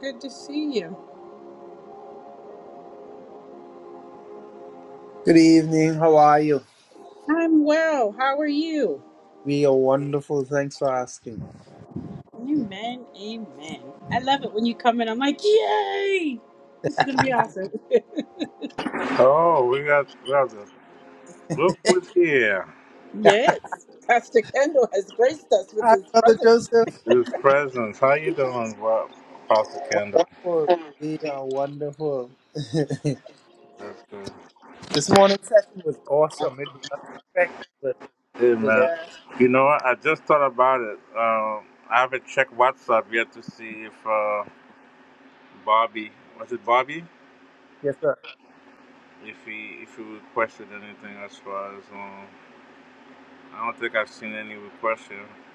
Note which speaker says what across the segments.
Speaker 1: Good to see you.
Speaker 2: Good evening. How are you?
Speaker 1: I'm well. How are you?
Speaker 2: We are wonderful. Thanks for asking.
Speaker 1: Amen. Amen. I love it when you come in. I'm like, yay! This is going to be awesome.
Speaker 3: Oh, we got brother Bookwood here.
Speaker 1: Yes. Pastor Kendall has graced us with
Speaker 2: Hi,
Speaker 1: his
Speaker 2: Brother
Speaker 1: presence
Speaker 2: Joseph.
Speaker 3: His presence. How you doing, bro- Pastor Kendall?
Speaker 2: Wonderful. We are wonderful.
Speaker 3: That's good.
Speaker 2: this morning's session was awesome. It was unexpected, but it
Speaker 3: Hey
Speaker 2: was
Speaker 3: man.
Speaker 2: awesome.
Speaker 1: here.
Speaker 3: You know what? I just thought about it. Um, I haven't checked WhatsApp yet to see if uh, Bobby was it Bobby?
Speaker 2: Yes, sir.
Speaker 3: If he if he requested anything as far as um, I don't think I've seen any request here.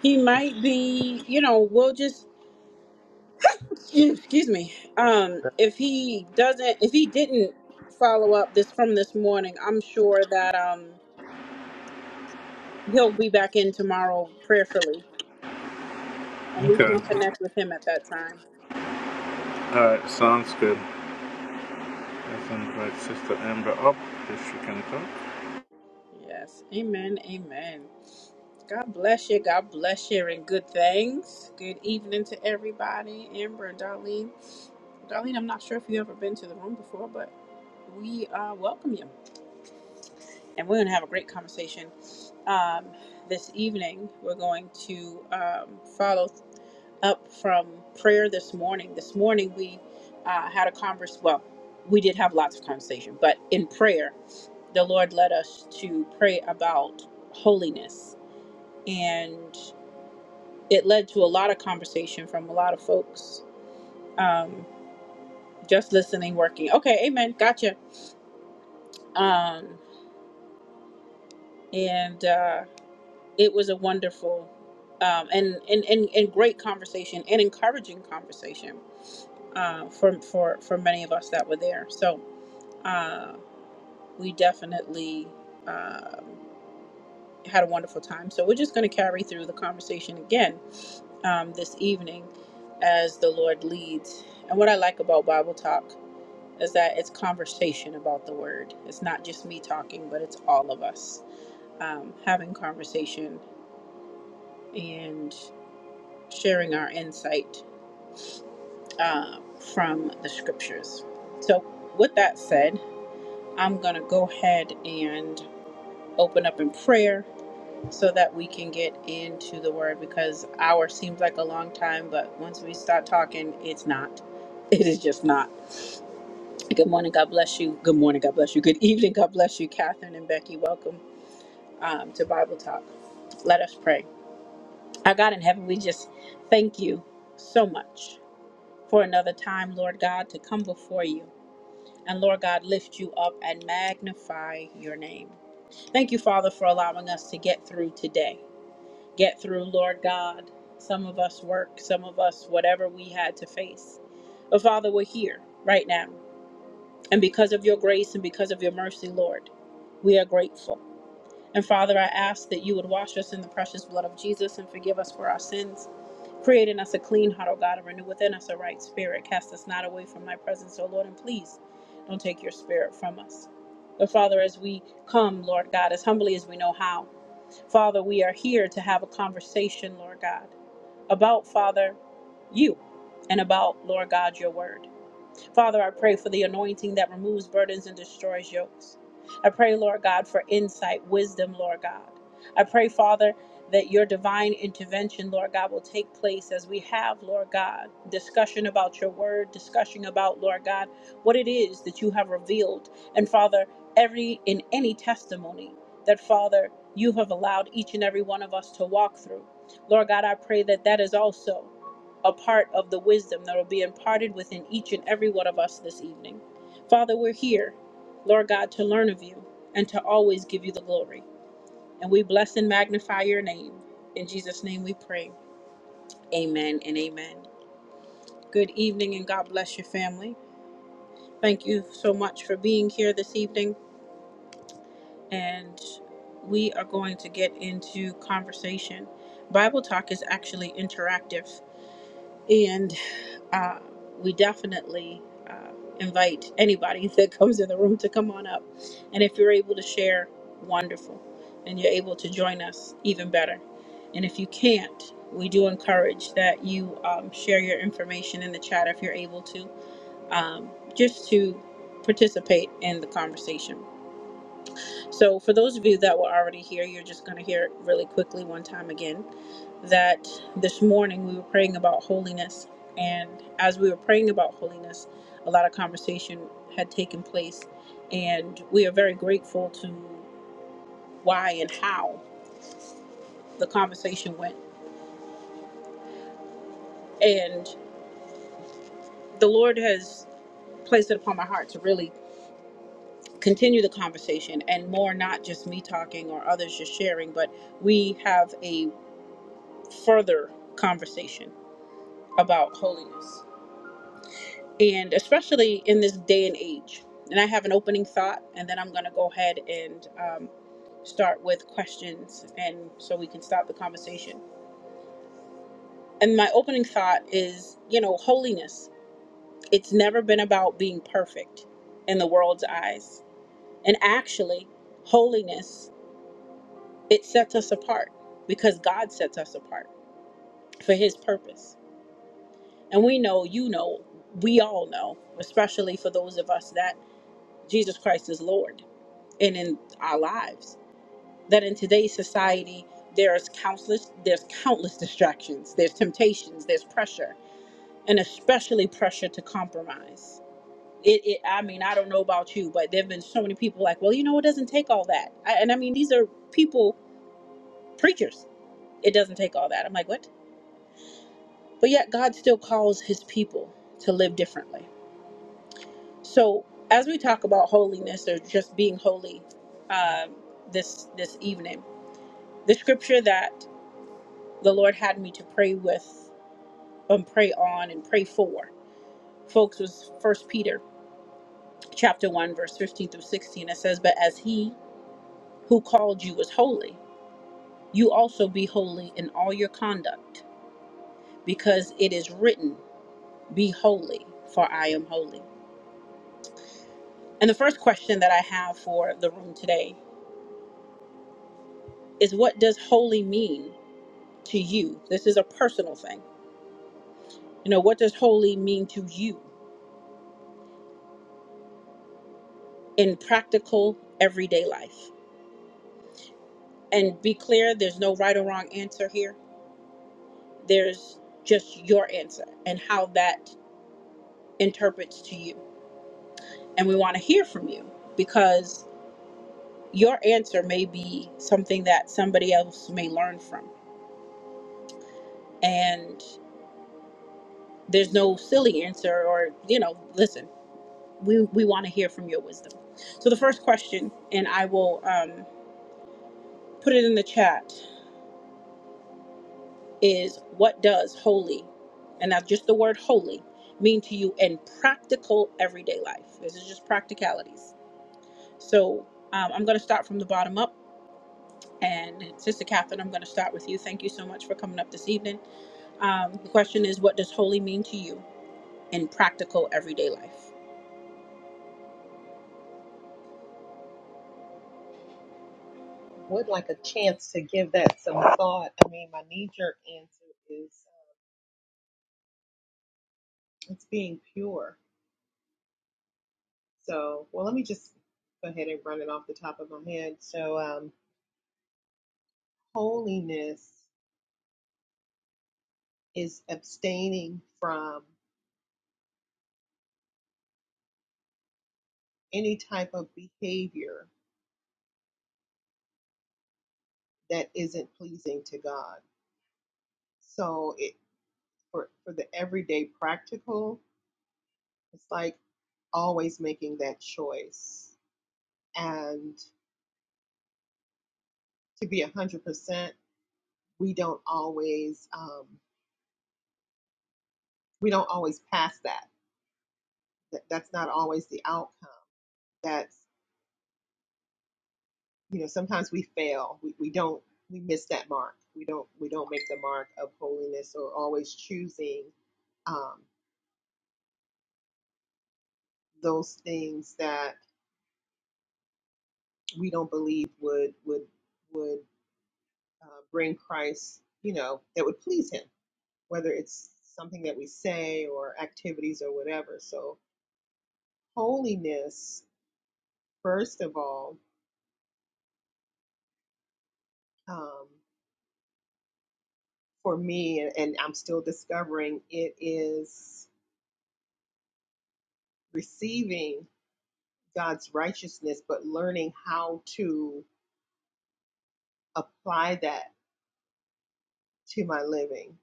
Speaker 1: He might be, you know, we'll just, excuse me. Um, if he doesn't, if he didn't follow up this from this morning, I'm sure that um he'll be back in tomorrow prayerfully and we
Speaker 3: Okay.
Speaker 1: can connect with him at that time.
Speaker 3: All right. Sounds good. Let's invite Sister Amber up if she can come.
Speaker 1: Yes. Amen. Amen. God bless you. God bless you and good things. Good evening to everybody. Amber and Darlene. Darlene, I'm not sure if you've ever been to the room before, but we uh, welcome you. And we're going to have a great conversation um, this evening. We're going to um, follow up from prayer this morning. This morning, we uh, had a converse. Well, we did have lots of conversation, but in prayer, the Lord led us to pray about holiness and it led to a lot of conversation from a lot of folks um, just listening working okay amen gotcha um, and uh, it was a wonderful um, and, and, and, and great conversation and encouraging conversation uh, for, for, for many of us that were there so uh, we definitely um, had a wonderful time so we're just going to carry through the conversation again um, this evening as the lord leads and what i like about bible talk is that it's conversation about the word. It's not just me talking, but it's all of us um, having conversation and sharing our insight uh, from the scriptures. So, with that said, I'm going to go ahead and open up in prayer so that we can get into the word because hour seems like a long time, but once we start talking, it's not. It is just not. Good morning. God bless you. Good morning. God bless you. Good evening. God bless you, Catherine and Becky. Welcome. um, to Bible Talk. Let us pray. Our God in heaven, we just thank you so much for another time, Lord God, to come before you. And Lord God, lift you up and magnify your name. Thank you, Father, for allowing us to get through today. Get through, Lord God. Some of us work, some of us, whatever we had to face. But Father, we're here right now. And because of your grace and because of your mercy, Lord, we are grateful. And Father, I ask that you would wash us in the precious blood of Jesus and forgive us for our sins. Create in us a clean heart, O God, and renew within us a right spirit. Cast us not away from thy presence, O Lord, and please don't take your spirit from us. But Father, as we come, Lord God, as humbly as we know how, Father, we are here to have a conversation, Lord God, about, Father, you and about, Lord God, your word. Father, I pray for the anointing that removes burdens and destroys yokes. I pray, Lord God, for insight, wisdom, Lord God. I pray, Father, that your divine intervention, Lord God, will take place as we have, Lord God, discussion about your word, discussion about, Lord God, what it is that you have revealed. And Father, every in any testimony that, Father, you have allowed each and every one of us to walk through. Lord God, I pray that that is also a part of the wisdom that will be imparted within each and every one of us this evening. Father, we're here, Lord God, to learn of you and to always give you the glory. And we bless and magnify your name. In Jesus' name we pray. Amen and amen. Good evening and God bless your family. Thank you so much for being here this evening. And we are going to get into conversation. Bible Talk is actually interactive. and. uh, we definitely uh, invite anybody that comes in the room to come on up. And if you're able to share, wonderful. And you're able to join us, even better. And if you can't, we do encourage that you um, share your information in the chat if you're able to, um, just to participate in the conversation. So, for those of you that were already here, you're just going to hear it really quickly one time again that this morning we were praying about holiness. And as we were praying about holiness, a lot of conversation had taken place. And we are very grateful to why and how the conversation went. And the Lord has placed it upon my heart to really continue the conversation and more not just me talking or others just sharing, but we have a further conversation about holiness. and especially in this day and age. And I have an opening thought, and then I'm going to go ahead and um, start with questions, and so we can stop the conversation. And my opening thought is, you know, holiness. It's never been about being perfect in the world's eyes, and actually, holiness it sets us apart because God sets us apart for His purpose. And we know, you know, we all know, especially for those of us that Jesus Christ is Lord and in our lives. That in today's society, there's countless there's countless distractions, there's temptations, there's pressure, and especially pressure to compromise. It, it I mean, I don't know about you, but there've been so many people like, well, you know, it doesn't take all that. I, and I mean, these are people preachers. It doesn't take all that. I'm like, what? But yet, God still calls His people to live differently. So as we talk about holiness or just being holy, um, this this evening, the scripture that the Lord had me to pray with and pray on and pray for. Folks was first Peter chapter one, verse fifteen through sixteen. It says, But as he who called you was holy, you also be holy in all your conduct, because it is written, Be holy, for I am holy. And the first question that I have for the room today is what does holy mean to you? This is a personal thing. You know, what does holy mean to you in practical everyday life? and be clear there's no right or wrong answer here there's just your answer and how that interprets to you and we want to hear from you because your answer may be something that somebody else may learn from and there's no silly answer or you know listen we we want to hear from your wisdom so the first question and i will um, put it in the chat is what does holy, and that's just the word holy, mean to you in practical everyday life? This is just practicalities. So um, I'm going to start from the bottom up. And Sister Catherine, I'm going to start with you. Thank you so much for coming up this evening. Um, the question is, what does holy mean to you in practical everyday life?
Speaker 4: would like a chance to give that some thought. I mean, my knee jerk answer is uh, it's being pure. So, well, let me just go ahead and run it off the top of my head. So, um, holiness is abstaining from any type of behavior that isn't pleasing to God. So, it for for the everyday practical, it's like always making that choice. And to be a hundred percent, we don't always. Um, we don't always pass that. that that's not always the outcome that's you know sometimes we fail we, we don't we miss that mark we don't we don't make the mark of holiness or always choosing um, those things that we don't believe would would would uh, bring christ you know that would please him whether it's something that we say or activities or whatever so holiness first of all um, for me, and, and I'm still discovering, it is receiving God's righteousness, but learning how to apply that to my living.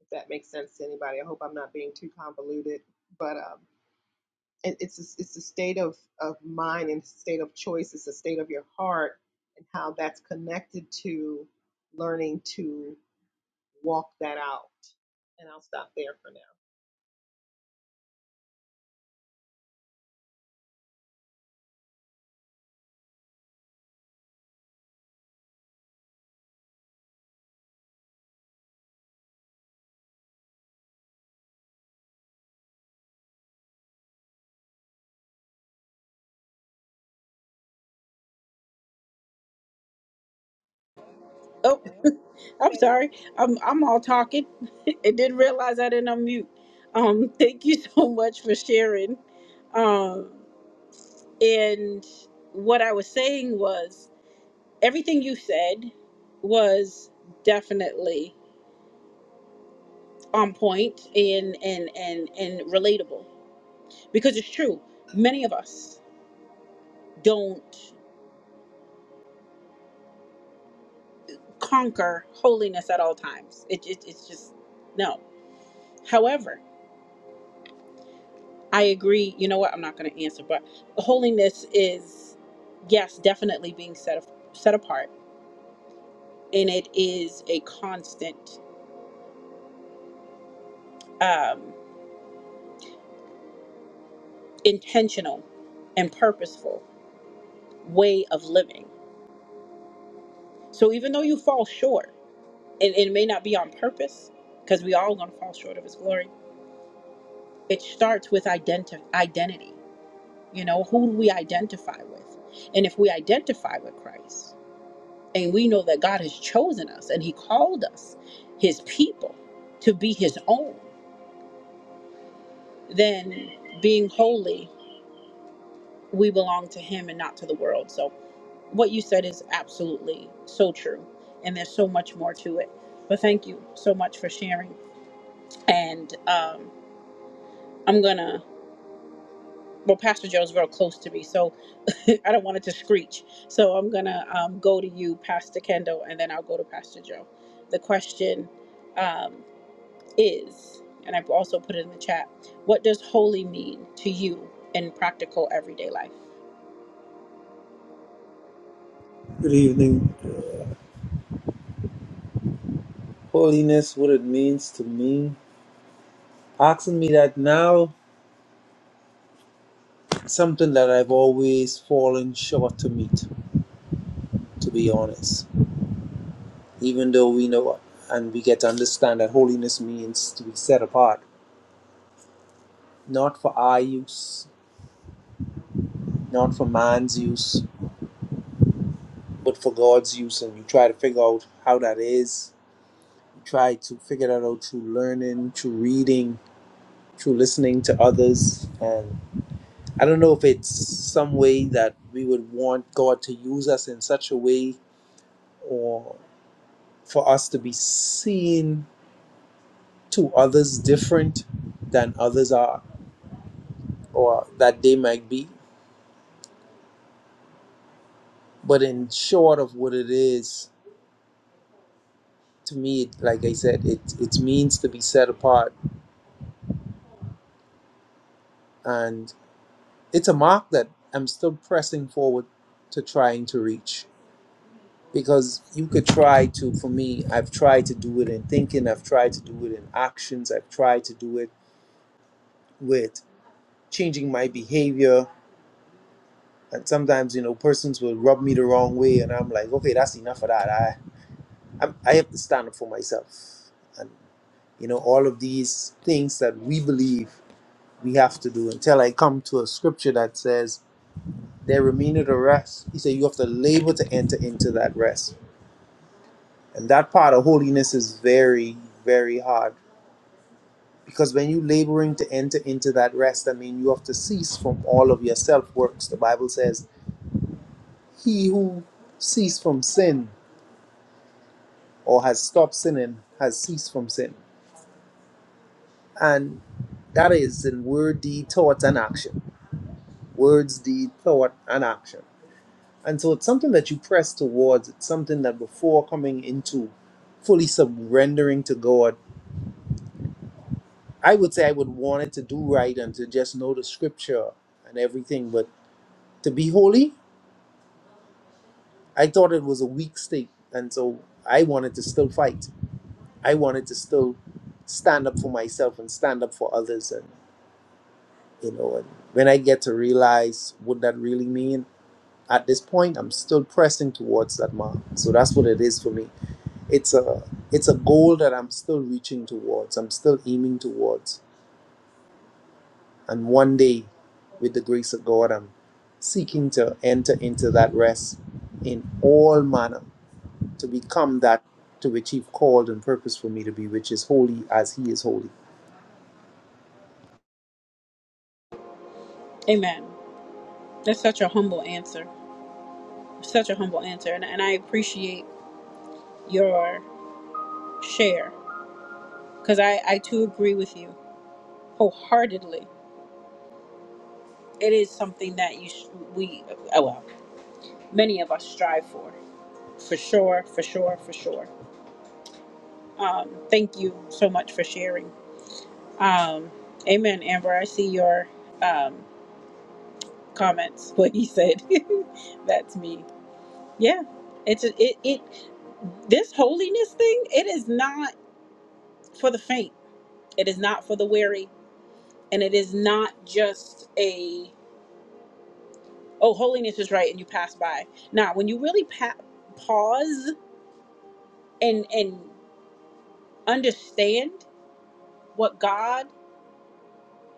Speaker 4: If that makes sense to anybody, I hope I'm not being too convoluted, but um, it, it's a, it's a state of of mind and state of choice. It's a state of your heart and how that's connected to learning to walk that out. And I'll stop there for now.
Speaker 1: Oh,
Speaker 4: Hello, did you
Speaker 1: I'm
Speaker 4: guys hear me?
Speaker 1: sorry. I'm I'm all talking. I didn't realize I didn't unmute. Um, thank you so much for sharing. Um, And what I was saying was everything you said was definitely on point and and and and relatable because it's true. Many of us don't conquer holiness at all times. It, it it's just no. However, I agree. You know what? I'm not going to answer, but holiness is yes, definitely being set set apart, and it is a constant. Um, intentional and purposeful way of living. So even though you fall short, and it may not be on purpose, because we all gonna fall short of his glory, it starts with identi- identity. You know, who do we identify with? And if we identify with Christ, and we know that God has chosen us and he called us his people to be his own, then being holy, we belong to him and not to the world. So what you said is absolutely so true and there's so much more to it but thank you so much for sharing and um, i'm gonna well pastor joe's real close to me so i don't want it to screech so i'm gonna um, go to you pastor kendall and then i'll go to pastor joe the question Um, is, and I've also put it in the chat, what does holy mean to you in practical everyday life?
Speaker 2: Good evening. Holiness, what it means to me. Asking me that now, something that I've always fallen short to meet, to be honest. Even though we know and we get to understand that holiness means to be set apart, not for our use not for man's use, but for God's use. And you try to figure out how that is. You try to figure that out through learning, through reading, through listening to others. And I don't know if it's some way that we would want God to use us in such a way or for us to be seen to others different than others are or that they might be. But in short of what it is, to me, like I said, it, it means to be set apart. And it's a mark that I'm still pressing forward to trying to reach. Because you could try to, for me, I've tried to do it in thinking, I've tried to do it in actions, I've tried to do it with changing my behavior. And sometimes, you know, persons will rub me the wrong way, and I'm like, okay, that's enough of that. I, I'm, I have to stand up for myself. And, you know, all of these things that we believe we have to do until I come to a scripture that says, There remaineth a rest. He said, You have to labor to enter into that rest. And that part of holiness is very, very hard. Because when you laboring to enter into that rest, I mean, you have to cease from all of your self works. The Bible says, He who ceased from sin or has stopped sinning has ceased from sin. And that is in word, deed, thought, and action. Words, deed, thought, and action And so it's something that you press towards. It's something that before coming into fully surrendering to God, I would say I would want it to do right and to just know the scripture and everything. But to be holy, I thought it was a weak state. And so I wanted to still fight. I wanted to still stand up for myself and stand up for others. And, you know, and when I get to realize what that really means at this point, I'm still pressing towards that mark. So that's what it is for me. it's a it's a goal that I'm still reaching towards. I'm still aiming towards. And one day, with the grace of God, I'm seeking to enter into that rest in all manner to become that to which He called and purposed for me to be, which is holy as He is holy.
Speaker 1: Amen. That's such a humble answer. Such a humble answer. And, and I appreciate your share because I, I too agree with you wholeheartedly. It is something that you sh- we, oh well, many of us strive for. For sure, for sure, for sure. Um, thank you so much for sharing. Um, amen, Amber. I see your um, comments. What he said. That's me. Yeah. It's a, it it this holiness thing. It is not for the faint. It is not for the weary, and it is not just a oh holiness is right and you pass by. Now, when you really pa- pause and and understand what God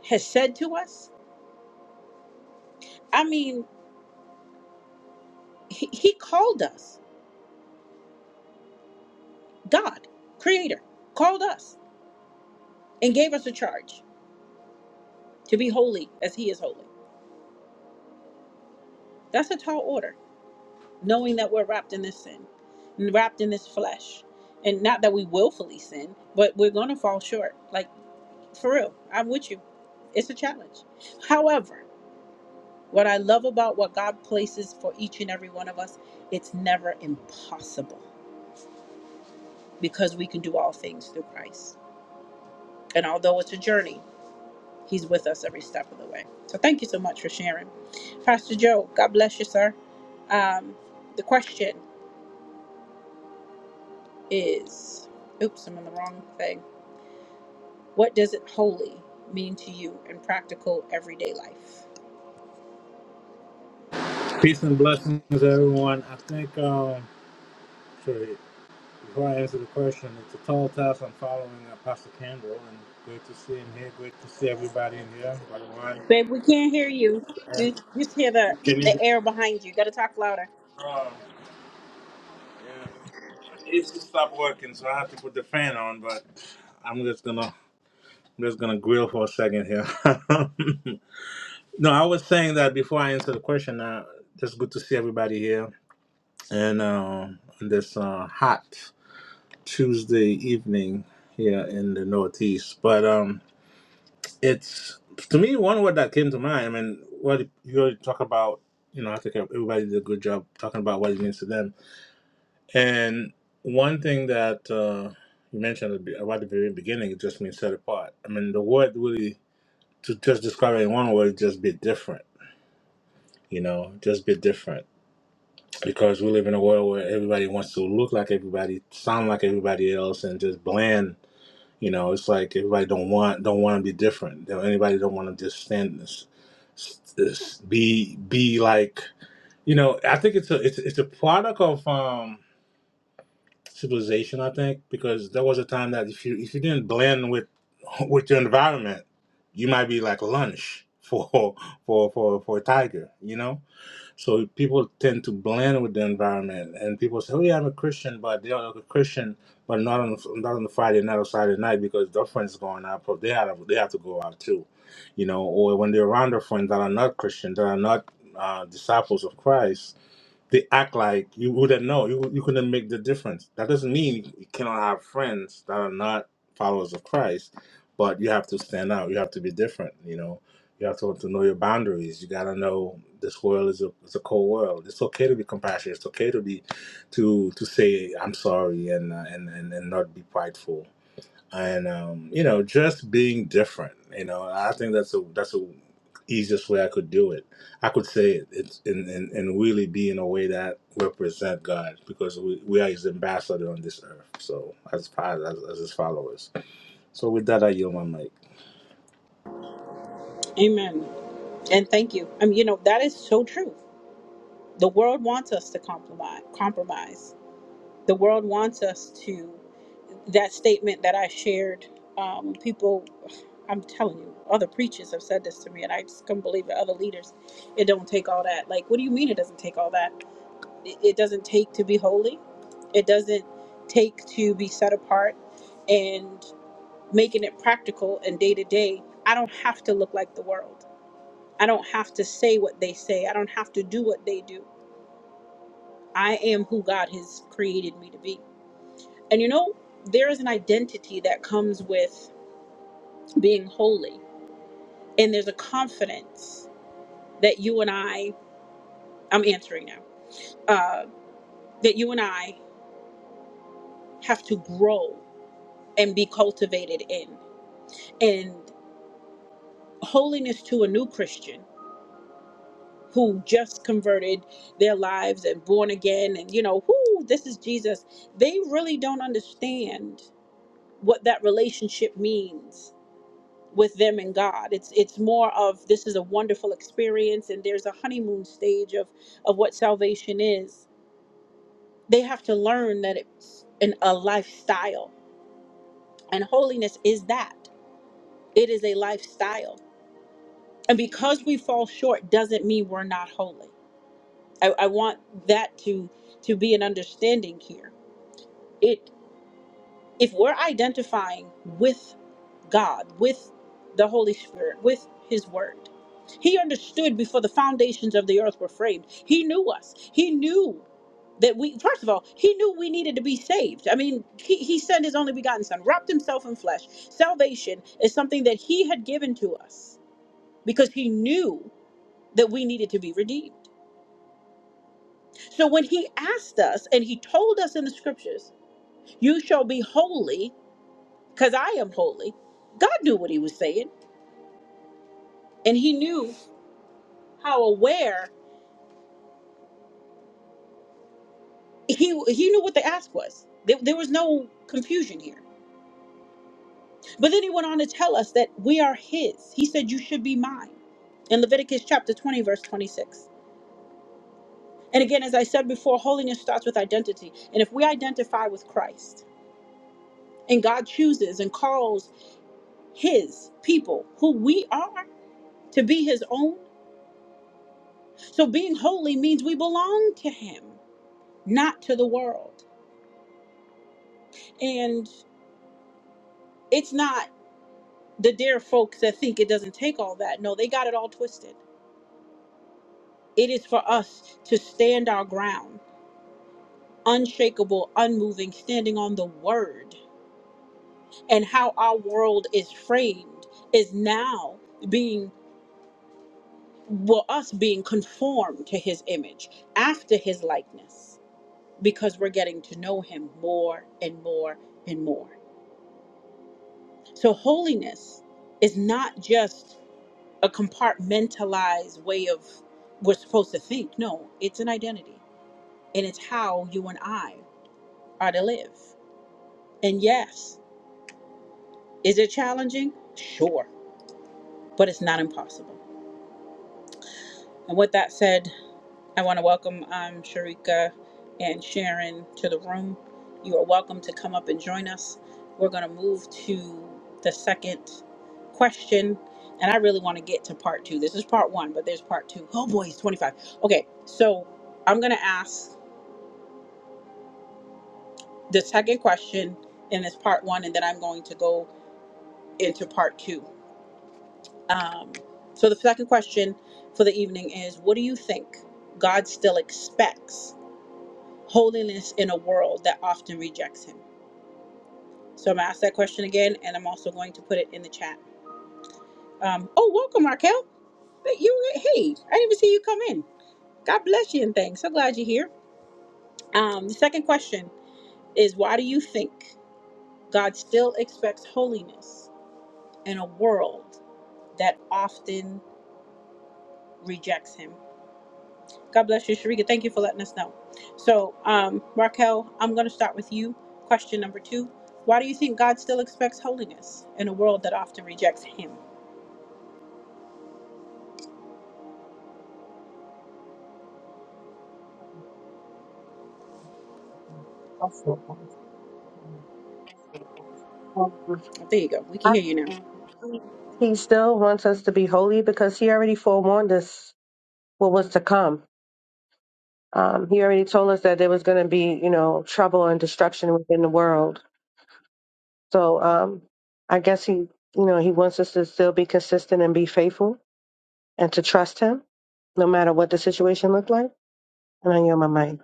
Speaker 1: has said to us, I mean, he, he called us. God, Creator, called us and gave us a charge to be holy as He is holy. That's a tall order, knowing that we're wrapped in this sin and wrapped in this flesh. And not that we willfully sin, but we're going to fall short. Like, for real, I'm with you. It's a challenge. However, what I love about what God places for each and every one of us, it's never impossible because we can do all things through Christ. And although it's a journey, He's with us every step of the way. So thank you so much for sharing. Pastor Joe, God bless you, sir. Um, the question is oops, I'm on the wrong thing. What does it holy mean to you in practical everyday life?
Speaker 3: Peace and blessings, everyone. I think. um. So before I answer the question, it's a tall task. I'm following Apostle Campbell, and good to see him here. Good to see everybody in here. By the way,
Speaker 1: Babe, we can't hear you. We
Speaker 3: and
Speaker 1: we just hear the,
Speaker 3: can you?
Speaker 1: the air behind you. You got to talk louder.
Speaker 3: Um, yeah, it's just stopped working, so I have to put the fan on. But I'm just gonna I'm just gonna grill for a second here. no, I was saying that before I answer the question. Uh, just good to see everybody here, and uh, on this uh, hot Tuesday evening here in the Northeast. But um. it's to me one word that came to mind. I mean, what you already talk about, you know, I think everybody did a good job talking about what it means to them. And one thing that uh, you mentioned at the- about the very beginning, it just means set apart. I mean, the word really to just describe it in one word, just be different. You know, just be different because we live in a world where everybody wants to look like everybody, sound like everybody else, and just bland. You know, it's like everybody don't want don't want to be different. You know, anybody don't want to just stand this, this be be like. You know, I think it's a it's it's a product of um civilization. I think because there was a time that if you if you didn't blend with with your environment, you might be like lunch for for for for a tiger. You know so people tend to blend with the environment, and people say, "Oh yeah, I'm a Christian," but they're a Christian, but not on not on the Friday night or Saturday night because their friends going out, but they have they have to go out too, you know. Or when they're around their friends that are not Christian, that are not uh, disciples of Christ, they act like you wouldn't know. You you couldn't make the difference. That doesn't mean you cannot have friends that are not followers of Christ, but you have to stand out. You have to be different. You know, you have to, to know your boundaries. You gotta know this world is a is a cold world. It's okay to be compassionate. It's okay to be to to say I'm sorry and uh, and, and and not be prideful and um, you know, just being different. You know, I think that's a that's a easiest way I could do it. I could say it it's and, and, and really be in a way that represent God because we, we are His ambassador on this earth. So as far as as His followers. So with that, I yield my mic.
Speaker 1: Amen. And thank you. I mean, you know, that is so true. The world wants us to compromise. Compromise. The world wants us to that statement that I shared. Um, people. I'm telling you, other preachers have said this to me, and I just couldn't believe it. Other leaders, it don't take all that. Like, what do you mean it doesn't take all that? It, it doesn't take to be holy. It doesn't take to be set apart and making it practical and day to day. I don't have to look like the world. I don't have to say what they say. I don't have to do what they do. I am who God has created me to be. And you know, there is an identity that comes with being holy, and there's a confidence that you and I I'm answering now. Uh, that you and I have to grow and be cultivated in. And holiness to a new Christian who just converted their lives and born again and, you know, whoo, this is Jesus. They really don't understand what that relationship means with them and God. It's it's more of this is a wonderful experience and there's a honeymoon stage of of what salvation is. They have to learn that it's an, a lifestyle And holiness is that it is a lifestyle. And because we fall short doesn't mean we're not holy. I, I want that to to be an understanding here. It if we're identifying with God, with the Holy Spirit, with His Word. He understood before the foundations of the earth were framed. He knew us. He knew that we, first of all, He knew we needed to be saved. I mean, He, he sent His only begotten Son, wrapped Himself in flesh. Salvation is something that He had given to us because He knew that we needed to be redeemed. So when He asked us and He told us in the scriptures, You shall be holy because I am holy, God knew what He was saying and He knew how aware he he knew what the ask was. There, there was no confusion here. But then he went on to tell us that we are his. He said, "You should be mine." In Leviticus chapter 20, verse 26. And again, as I said before, holiness starts with identity. And if we identify with Christ, and God chooses and calls his people who we are to be his own, so being holy means we belong to him, not to the world. And it's not the dear folks that think it doesn't take all that. No, they got it all twisted. It is for us to stand our ground, unshakable, unmoving, standing on the word. And how our world is framed is now being, well, us being conformed to his image, after his likeness, because we're getting to know him more and more and more. So, holiness is not just a compartmentalized way of we're supposed to think. No, it's an identity and it's how you and I are to live. And yes, is it challenging? Sure, but it's not impossible. And with that said, I want to welcome um, Sharika and Sharon to the room. You are welcome to come up and join us. We're going to move to the second question. And I really want to get to part two. This is part one, but there's part two. Oh boy, it's 25. Okay, so I'm going to ask the second question and it's part one, and then I'm going to go into part two. Um, so the second question for the evening is What do you think God still expects? holiness in a world that often rejects him? So I'm gonna ask that question again, and I'm also going to put it in the chat. Um, oh, welcome, Raquel. But you, hey, I didn't even see you come in. God bless you and thanks. So glad you're here. Um, the second question is, why do you think God still expects holiness in a world that often rejects Him? God bless you, Sharika. Thank you for letting us know. So, um, Raquel, I'm going to start with you. Question number two Why do you think God still expects holiness in a world that often rejects Him?
Speaker 5: Actually,
Speaker 1: Oh, There you go. We can hear you now.
Speaker 5: He still wants us to be holy because he already forewarned us what was to come. Um, he already told us that there was going to be, you know, trouble and destruction within the world. So um, I guess he, you know, he wants us to still be consistent and be faithful and to trust him no matter what the situation looked like. And I know my mind,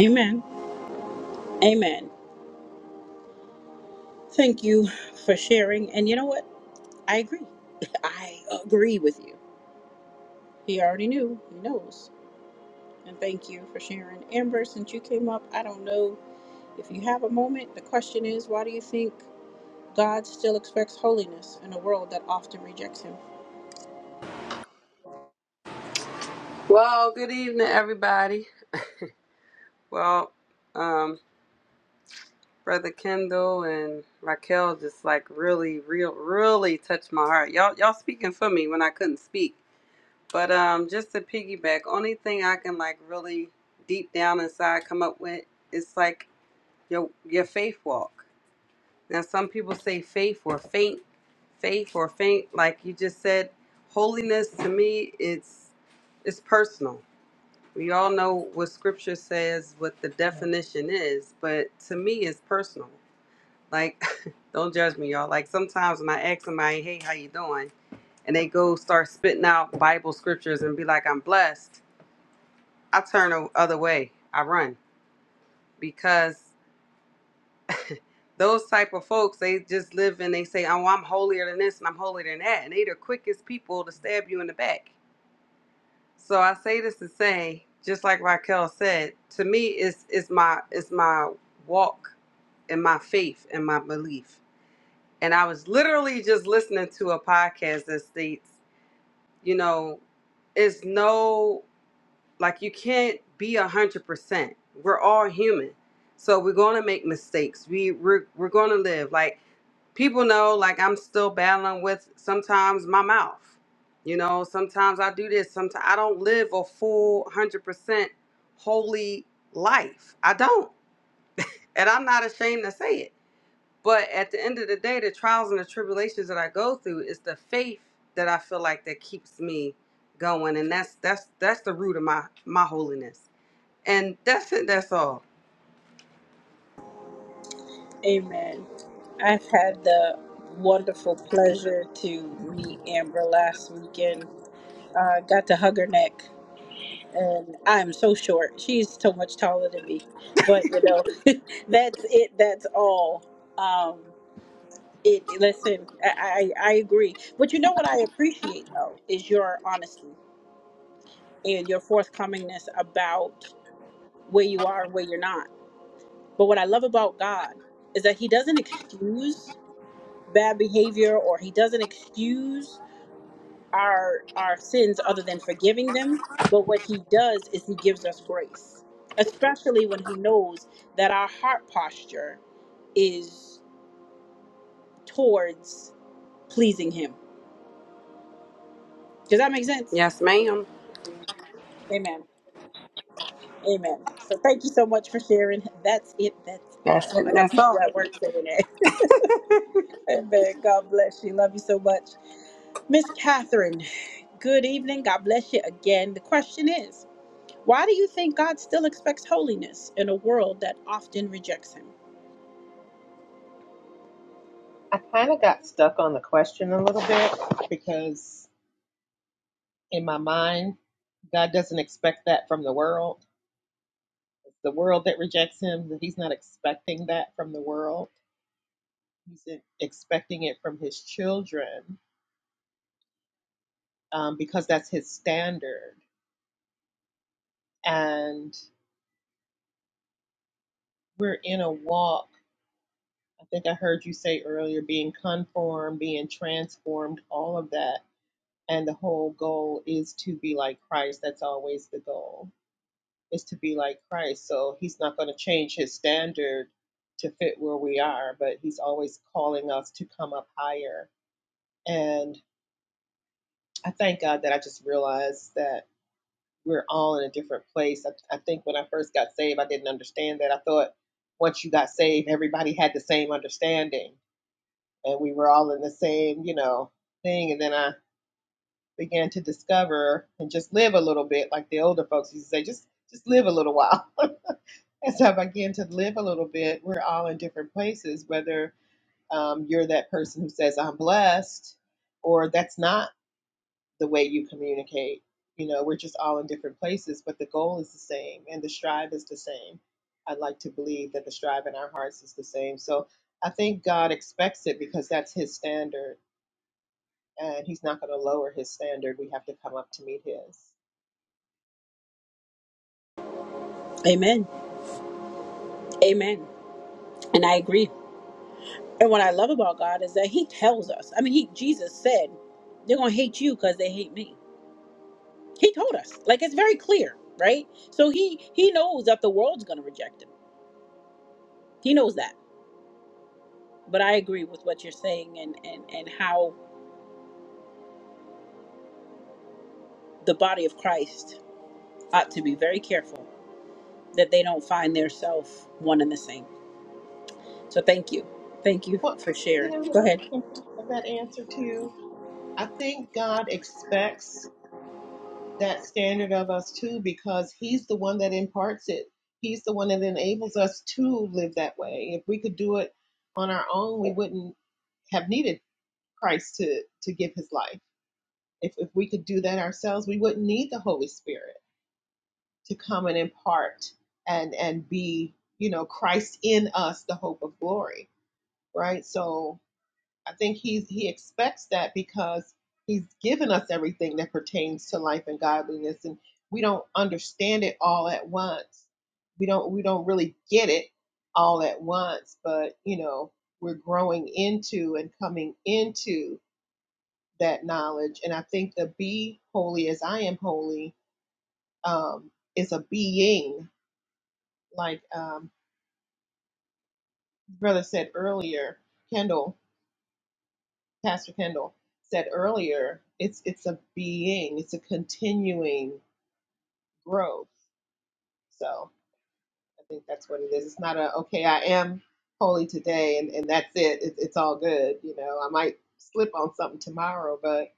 Speaker 1: Amen. Amen. Thank you for sharing. And you know what? I agree. I agree with you. He already knew. He knows. And thank you for sharing. Amber, since you came up, I don't know if you have a moment. The question is why do you think God still expects holiness in a world that often rejects Him?
Speaker 6: Well, good evening, everybody. Well, um, Brother Kendall and Raquel just like really, real, really touched my heart. Y'all, y'all speaking for me when I couldn't speak. But um, just to piggyback, only thing I can like really deep down inside come up with is like your your faith walk. Now, some people say faith or faint, faith or faint. Like you just said, holiness to me, it's it's personal We all know what scripture says, what the definition is, but to me it's personal. Like, don't judge me, y'all. Like sometimes when I ask somebody, hey, how you doing? And they go start spitting out Bible scriptures and be like, I'm blessed. I turn the other way. I run because those type of folks, they just live and they say, oh, I'm holier than this and I'm holier than that. And they the quickest people to stab you in the back. So I say this to say, just like Raquel said, to me it's it's my it's my walk and my faith and my belief. And I was literally just listening to a podcast that states, you know, it's no like you can't be a hundred percent. We're all human. So we're gonna make mistakes. We we're we're gonna live. Like people know like I'm still battling with sometimes my mouth. You know, sometimes I do this, sometimes I don't live a full 100% holy life. I don't. And I'm not ashamed to say it. But at the end of the day, the trials and the tribulations that I go through is the faith that I feel like that keeps me going and that's that's that's the root of my my holiness. And that's it, that's all.
Speaker 1: Amen. I've had the wonderful pleasure to meet Amber last weekend. Uh, got to hug her neck, and I'm so short. She's so much taller than me, but you know, that's it. That's all. Um, it it- listen, I, I I agree. But you know what I appreciate though is your honesty and your forthcomingness about where you are and where you're not. But what I love about God is that He doesn't excuse. bad behavior or he doesn't excuse our our sins other than forgiving them but what he does is he gives us grace especially when he knows that our heart posture is towards pleasing him does that make sense
Speaker 6: Yes, ma'am.
Speaker 1: amen amen so thank you so much for sharing that's it that's
Speaker 6: That's
Speaker 1: all
Speaker 6: it,
Speaker 1: i got
Speaker 6: that's
Speaker 1: people
Speaker 6: all.
Speaker 1: at work saying that amen god bless you love you so much miss catherine good evening god bless you again the question is Why do you think God still expects holiness in a world that often rejects Him?
Speaker 4: I kind of got stuck on the question a little bit because in my mind, God doesn't expect that from the world. It's the world that rejects him. that He's not expecting that from the world. He's e- expecting it from his children um, because that's his standard. And we're in a walk. I think I heard you say earlier being conformed, being transformed, all of that. And the whole goal is to be like Christ. That's always the goal is to be like Christ. So he's not going to change his standard to fit where we are, but he's always calling us to come up higher. And I thank God that I just realized that we're all in a different place. I, I think when I first got saved, I didn't understand that. I thought once you got saved, everybody had the same understanding and we were all in the same, you know, thing. And then I began to discover and just live a little bit like the older folks used to say, just just live a little while as I begin to live a little bit, we're all in different places, whether um, you're that person who says, I'm blessed, or that's not the way you communicate. You know, we're just all in different places, but the goal is the same and the strive is the same. I'd like to believe that the strive in our hearts is the same. So I think God expects it because that's His standard, and He's not going to lower His standard. We have to come up to meet His.
Speaker 1: Amen. Amen. And I agree. And what I love about God is that He tells us. I mean, He Jesus said, "They're gonna hate you because they hate me." He told us. Like it's very clear, right? So He He knows that the world's gonna reject Him. He knows that. But I agree with what you're saying, and and and how the body of Christ ought to be very careful that they don't find their self one and the same. So thank you, thank you
Speaker 4: Well,
Speaker 1: for
Speaker 4: you
Speaker 1: sharing.
Speaker 4: know,
Speaker 1: Go
Speaker 4: I
Speaker 1: ahead.
Speaker 4: can of that answer too. I think God expects that standard of us too because he's the one that imparts it he's the one that enables us to live that way if we could do it on our own we wouldn't have needed christ to to give his life if, if we could do that ourselves we wouldn't need the holy spirit to come and impart and and be you know christ in us the hope of glory right so I think he's he expects that because he's given us everything that pertains to life and godliness and we don't understand it all at once. We don't we don't really get it all at once, but you know, we're growing into and coming into that knowledge. And I think the be holy as I am holy um is a being like um brother said earlier, Kendall Pastor Kendall said earlier, it's it's a being, it's a continuing growth. So I think that's what it is. It's not a okay, I am holy today, and and that's it. It's it's all good. You know, I might slip on something tomorrow, but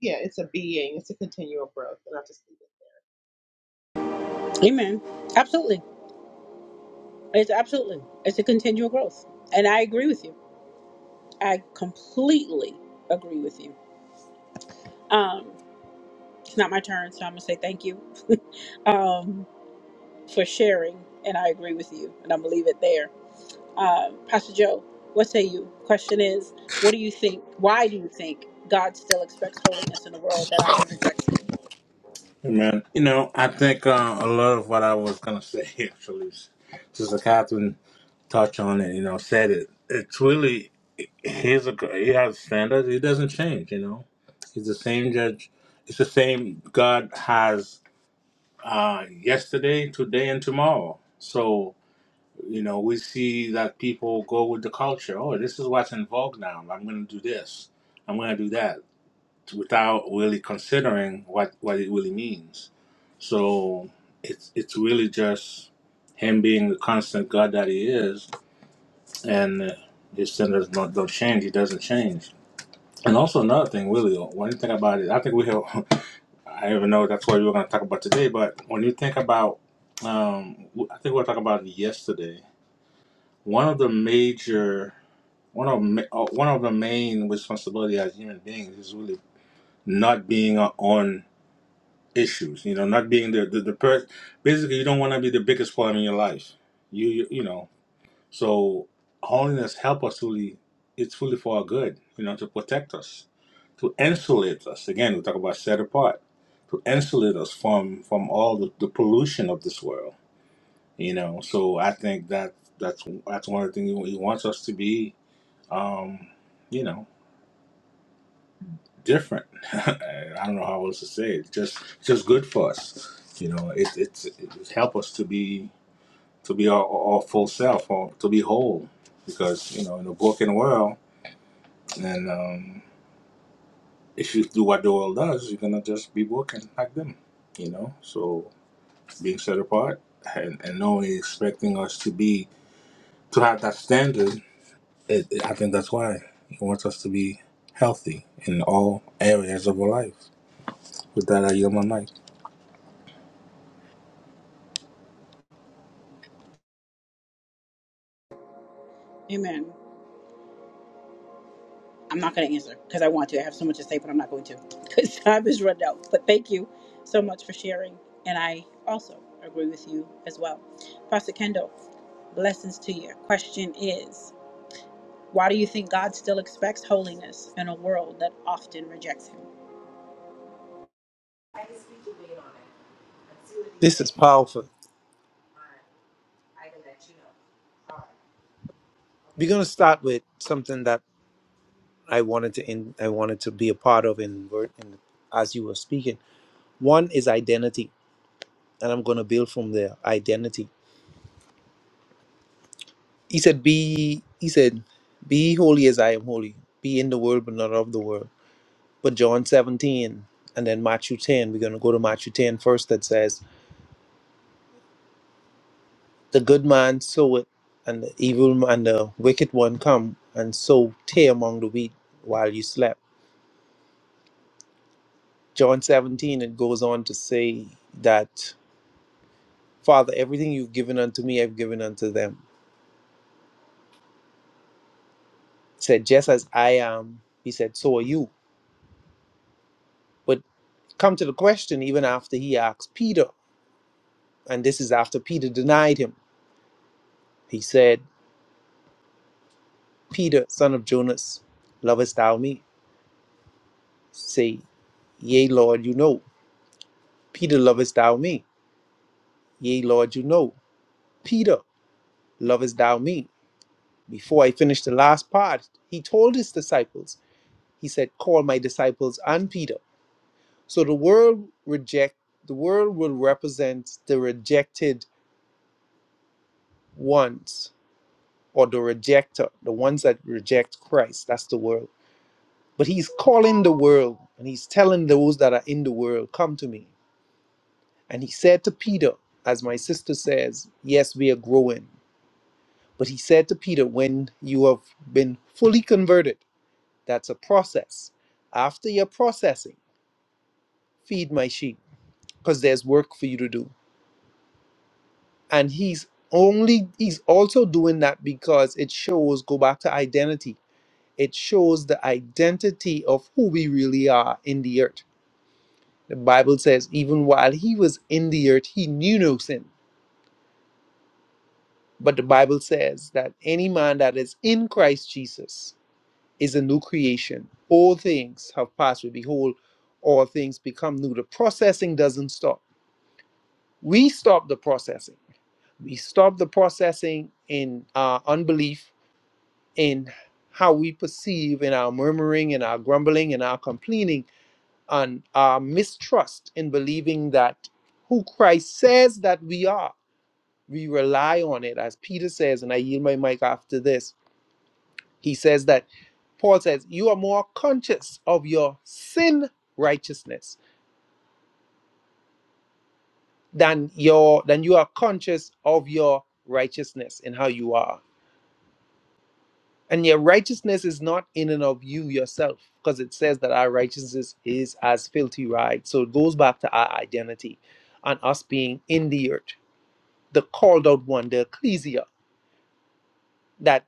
Speaker 4: yeah, it's a being, it's a continual growth, and I will just leave it.
Speaker 1: Amen. Absolutely. It's absolutely. It's a continual growth. And I agree with you. I completely agree with you. Um, it's not my turn, so I'm going to say thank you um, for sharing. And I agree with you. And I'm going to leave it there. Um, Pastor Joe, what say you? Question is, what do you think? Why do you think God still expects holiness in a world that often rejects him?
Speaker 3: Man, you know, I think uh, a lot of what I was gonna say actually, is- Sister Catherine touched on it. You know, said it. It's really he's a he has standards. He doesn't change. You know, he's the same judge. It's the same God has uh, yesterday, today, and tomorrow. So you know, we see that people go with the culture. Oh, this is what's in vogue now. I'm gonna do this. I'm gonna do that without really considering what, what it really means. So it's it's really just him being the constant God that he is, and his standards don't, don't change. He doesn't change. And also another thing, really, when you think about it, I think we have. I don't even know that's what we were going to talk about today. But when you think about, um, I think we were talking about it yesterday. One of the major, one of ma- uh, one of the main responsibility as human beings is really not being our own issues. You know, not being the the, the person. basically you don't want to be the biggest problem in your life. You you, you know. So holiness help us fully. It's fully for our good. You know, to protect us, to insulate us. Again, we talk about set apart, to insulate us from from all the, the pollution of this world. You know, so I think that that's that's one of the things he wants us to be. Um, you know. different. I don't know how else to say it. Just just good for us. You know, it, it's it help us to be to be our, our full self or to be whole. Because you know, in a broken world, and um, if you do what the world does, you're gonna just be broken like them. You know, so being set apart and and no one expecting us to be to have that standard. It, it- I think that's why he wants us to be healthy in all areas of our life. With that, I yield my mic.
Speaker 1: Amen. I'm not going to answer because I want to. I have so much to say, but I'm not going to because time is run out. But thank you so much for sharing. And I also agree with you as well. Pastor Kendall, blessings to you. Question is why do you think God still expects holiness in a world that often rejects him?
Speaker 2: This is powerful. We're gonna start with something that I wanted to in, I wanted to be a part of in, word- in as you were speaking. One is identity, and I'm gonna build from there. Identity He said, Be he said, Be ye holy as I am holy. Be in the world but not of the world. But John 17 and then Matthew 10, we're gonna go to Matthew 10 first. that says, The good man soweth, and the evil m- and the wicked one come and sow tear among the wheat while you slept. John 17 it goes on to say that Father, everything you've given unto me, I've given unto them. He said, Just as I am, he said, so are you. But come to the question, even after he asked Peter, And this is after Peter denied him. He said, Peter, son of Jonas, lovest thou me? Say, Yea, Lord, you know. Peter, lovest thou me? Yea, Lord, you know. Peter, lovest thou me? Before I finish the last part, he told his disciples, he said, Call my disciples and Peter. So the world reject the world will represent the rejected ones or the rejector, the ones that reject Christ. That's the world But he's calling the world and he's telling those that are in the world, Come to me. And he said to Peter, as my sister says, Yes, we are growing. But he said to Peter, When you have been fully converted, that's a process. After your processing, feed my sheep because there's work for you to do. And he's only, he's also doing that because it shows, go back to identity, it shows the identity of who we really are in the earth The Bible says, even while he was in the earth, he knew no sin. But the Bible says that any man that is in Christ Jesus is a new creation. All things have passed away. Behold, all things become new. The processing doesn't stop. We stop the processing. We stop the processing in our unbelief, in how we perceive, in our murmuring, in our grumbling, in our complaining, and our mistrust in believing that who Christ says that we are we rely on it, as Peter says, and I yield my mic after this. He says that Paul says, You are more conscious of your sin righteousness than your than you are conscious of your righteousness and how you are. And your righteousness is not in and of you yourself, because it says that our righteousness is as filthy rags. So it goes back to our identity and us being in the earth, the called out one, the ecclesia. that.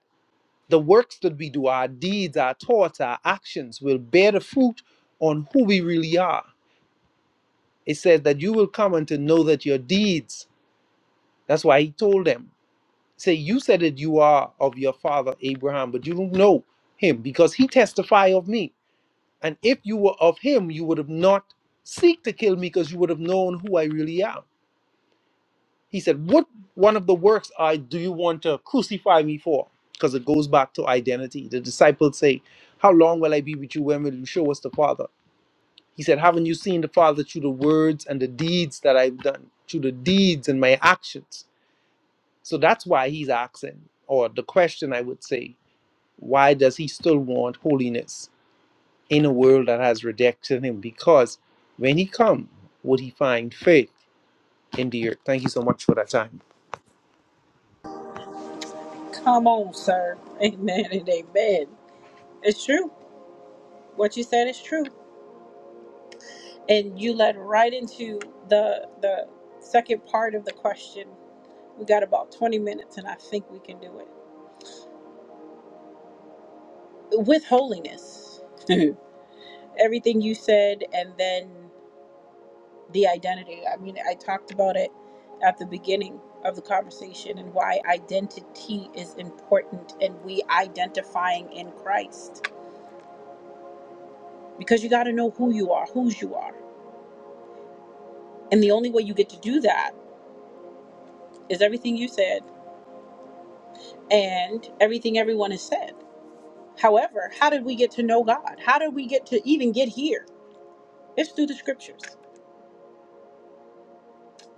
Speaker 2: The works that we do, our deeds, our thoughts, our actions will bear the fruit on who we really are. It says that you will come and to know that your deeds, that's why he told them, say, you said that you are of your father Abraham, but you don't know him because he testify of me. And if you were of him, you would have not seek to kill me because you would have known who I really am. He said, What one of the works I do you want to crucify me for? Because it goes back to identity. The disciples say, How long will I be with you? When will you show us the Father? He said, Haven't you seen the Father through the words and the deeds that I've done, through the deeds and my actions? So that's why he's asking, or the question I would say, why does he still want holiness in a world that has rejected him? Because when he come, would he find faith in the earth? Thank you so much for that time.
Speaker 1: Come on, sir. Amen and amen. It's true. What you said is true. And you led right into the the second part of the question. We got about 20 minutes and I think we can do it. with holiness. Everything you said, and then the identity. I mean, I talked about it at the beginning of the conversation and why identity is important and we identifying in Christ. Because you got to know who you are, whose you are. And the only way you get to do that is everything you said and everything everyone has said. However, how did we get to know God? How did we get to even get here? It's through the scriptures.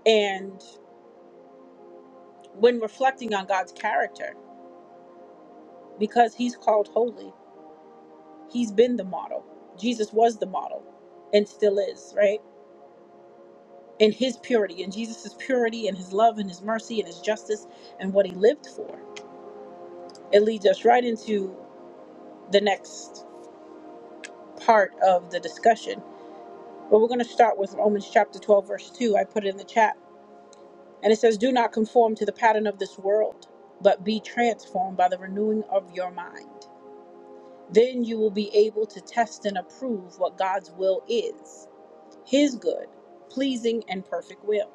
Speaker 1: And when reflecting on God's character, because he's called holy. He's been the model. Jesus was the model and still is, right? In his purity, in Jesus's purity, and his love, and his mercy, and his justice, and what he lived for. It leads us right into the next part of the discussion. But we're going to start with Romans chapter 12, verse 2. I put it in the chat. And it says, Do not conform to the pattern of this world, but be transformed by the renewing of your mind. Then you will be able to test and approve what God's will is his good, pleasing, and perfect will.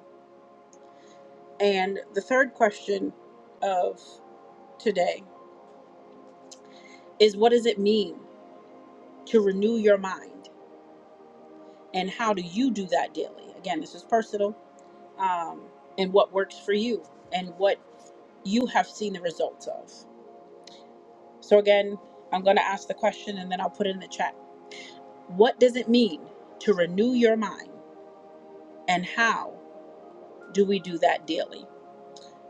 Speaker 1: And the third question of today is what does it mean to renew your mind? And how do you do that daily? Again, this is personal um, and what works for you and what you have seen the results of. So, again, I'm going to ask the question and then I'll put it in the chat. What does it mean to renew your mind? And how do we do that daily?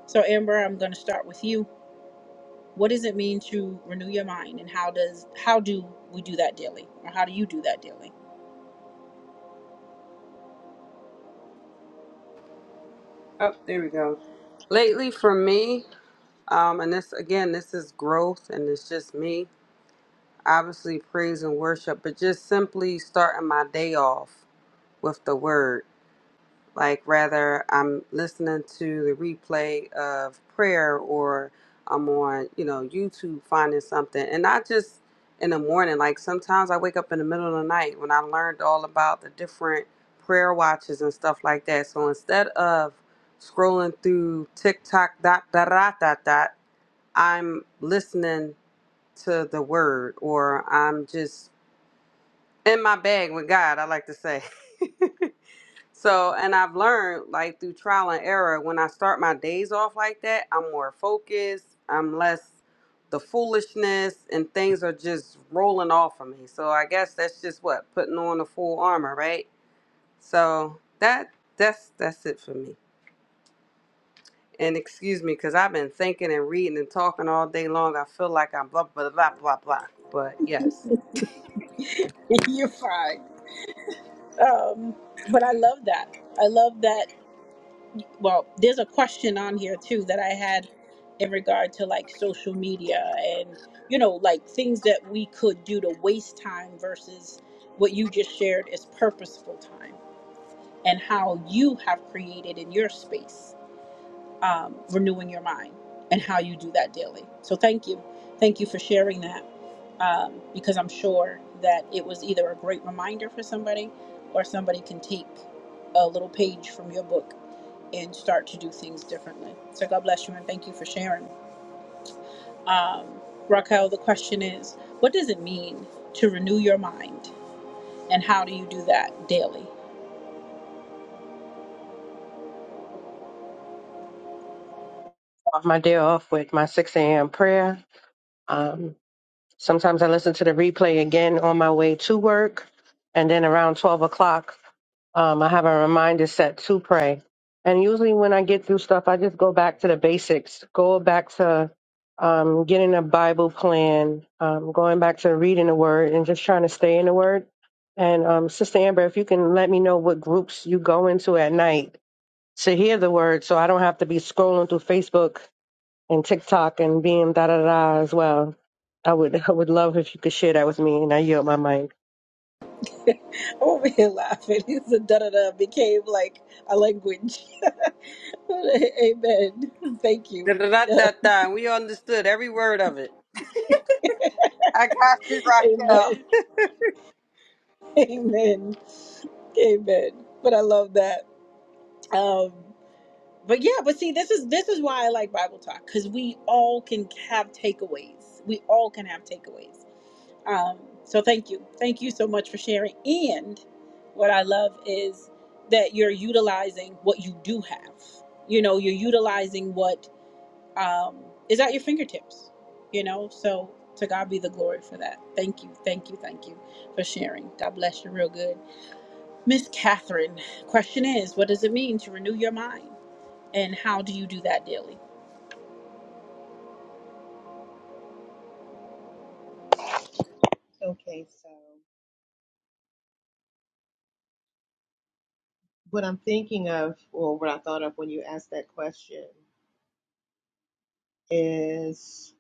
Speaker 1: So, Amber, I'm going to start with you what does it mean to renew your mind and how does how do we do that daily or how do you do that daily
Speaker 6: Oh, there we go. Lately for me, Um, and this again, this is growth, and it's just me, obviously praise and worship, but just simply starting my day off with the word. Like rather, I'm listening to the replay of prayer, or I'm on, you know, YouTube finding something, and not just in the morning. Like sometimes I wake up in the middle of the night when I learned all about the different prayer watches and stuff like that. So instead of scrolling through TikTok dot dot dot dot dot. I'm listening to the word or I'm just in my bag with God, I like to say. so, and I've learned like through trial and error, when I start my days off like that, I'm more focused, I'm less the foolishness, and things are just rolling off of me. So, I guess that's just what putting on the full armor, right? So, that that's that's it for me. And excuse me, because I've been thinking and reading and talking all day long. I feel like I'm blah, blah, blah, blah, blah. But yes.
Speaker 1: you're fine um, but i love that i love that well there's a question on here too that i had in regard to like social media and you know like things that we could do to waste time versus what you just shared is purposeful time and how you have created in your space um, renewing your mind and how you do that daily so thank you thank you for sharing that um, because I'm sure that it was either a great reminder for somebody or somebody can take a little page from your book and start to do things differently. So God bless you and thank you for sharing. Um, Raquel, the question is what does it mean to renew your mind and how do you do that daily?
Speaker 5: my day off with my 6 a.m. prayer. Um, Sometimes I listen to the replay again on my way to work. And then around 12 o'clock, um, I have a reminder set to pray. And usually when I get through stuff, I just go back to the basics, go back to um, getting a Bible plan, um, going back to reading the word and just trying to stay in the word. And um, Sister Amber, if you can let me know what groups you go into at night to hear the word so I don't have to be scrolling through Facebook and TikTok and being da da da as well. I would I would love if you could share that with me, and I yield my mic.
Speaker 1: I'm over here laughing. It's a da da da became like a language. Amen. Thank you.
Speaker 6: Da, da, da, da, da. We understood every word of it. I got you,
Speaker 1: Amen.
Speaker 6: Raquel.
Speaker 1: Amen. Amen. But I love that. Um, but yeah, but see, this is this is why I like Bible talk because we all can have takeaways. We all can have takeaways. Um, so thank you, thank you so much for sharing. And what I love is that you're utilizing what you do have. You know, you're utilizing what um, is at your fingertips. You know, so to God be the glory for that. Thank you, thank you, thank you for sharing. God bless you, real good. Miss Catherine, question is, what does it mean to renew your mind? And how do you do that daily?
Speaker 4: Okay, so what I'm thinking of, or what I thought of when you asked that question, is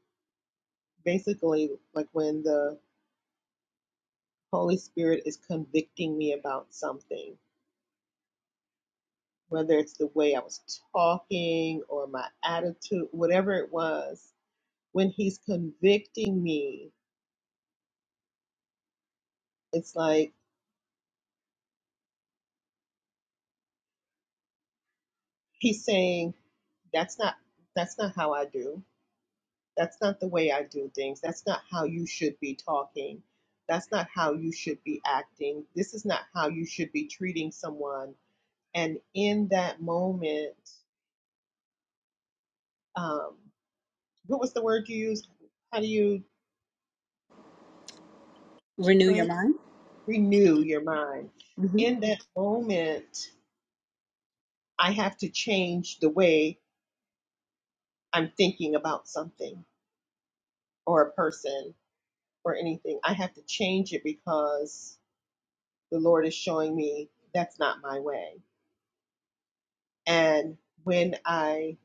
Speaker 4: basically like when the Holy Spirit is convicting me about something whether it's the way I was talking or my attitude, whatever it was, when he's convicting me, it's like he's saying, That's not that's not how I do. That's not the way I do things. That's not how you should be talking. That's not how you should be acting. This is not how you should be treating someone. And in that moment, um, what was the word you used? How do you
Speaker 1: Renew your
Speaker 4: trans-
Speaker 1: mind?
Speaker 4: renew your mind?
Speaker 1: hmm
Speaker 4: In that moment, I have to change the way I'm thinking about something or a person or anything. I have to change it because the Lord is showing me that's not my way. And when I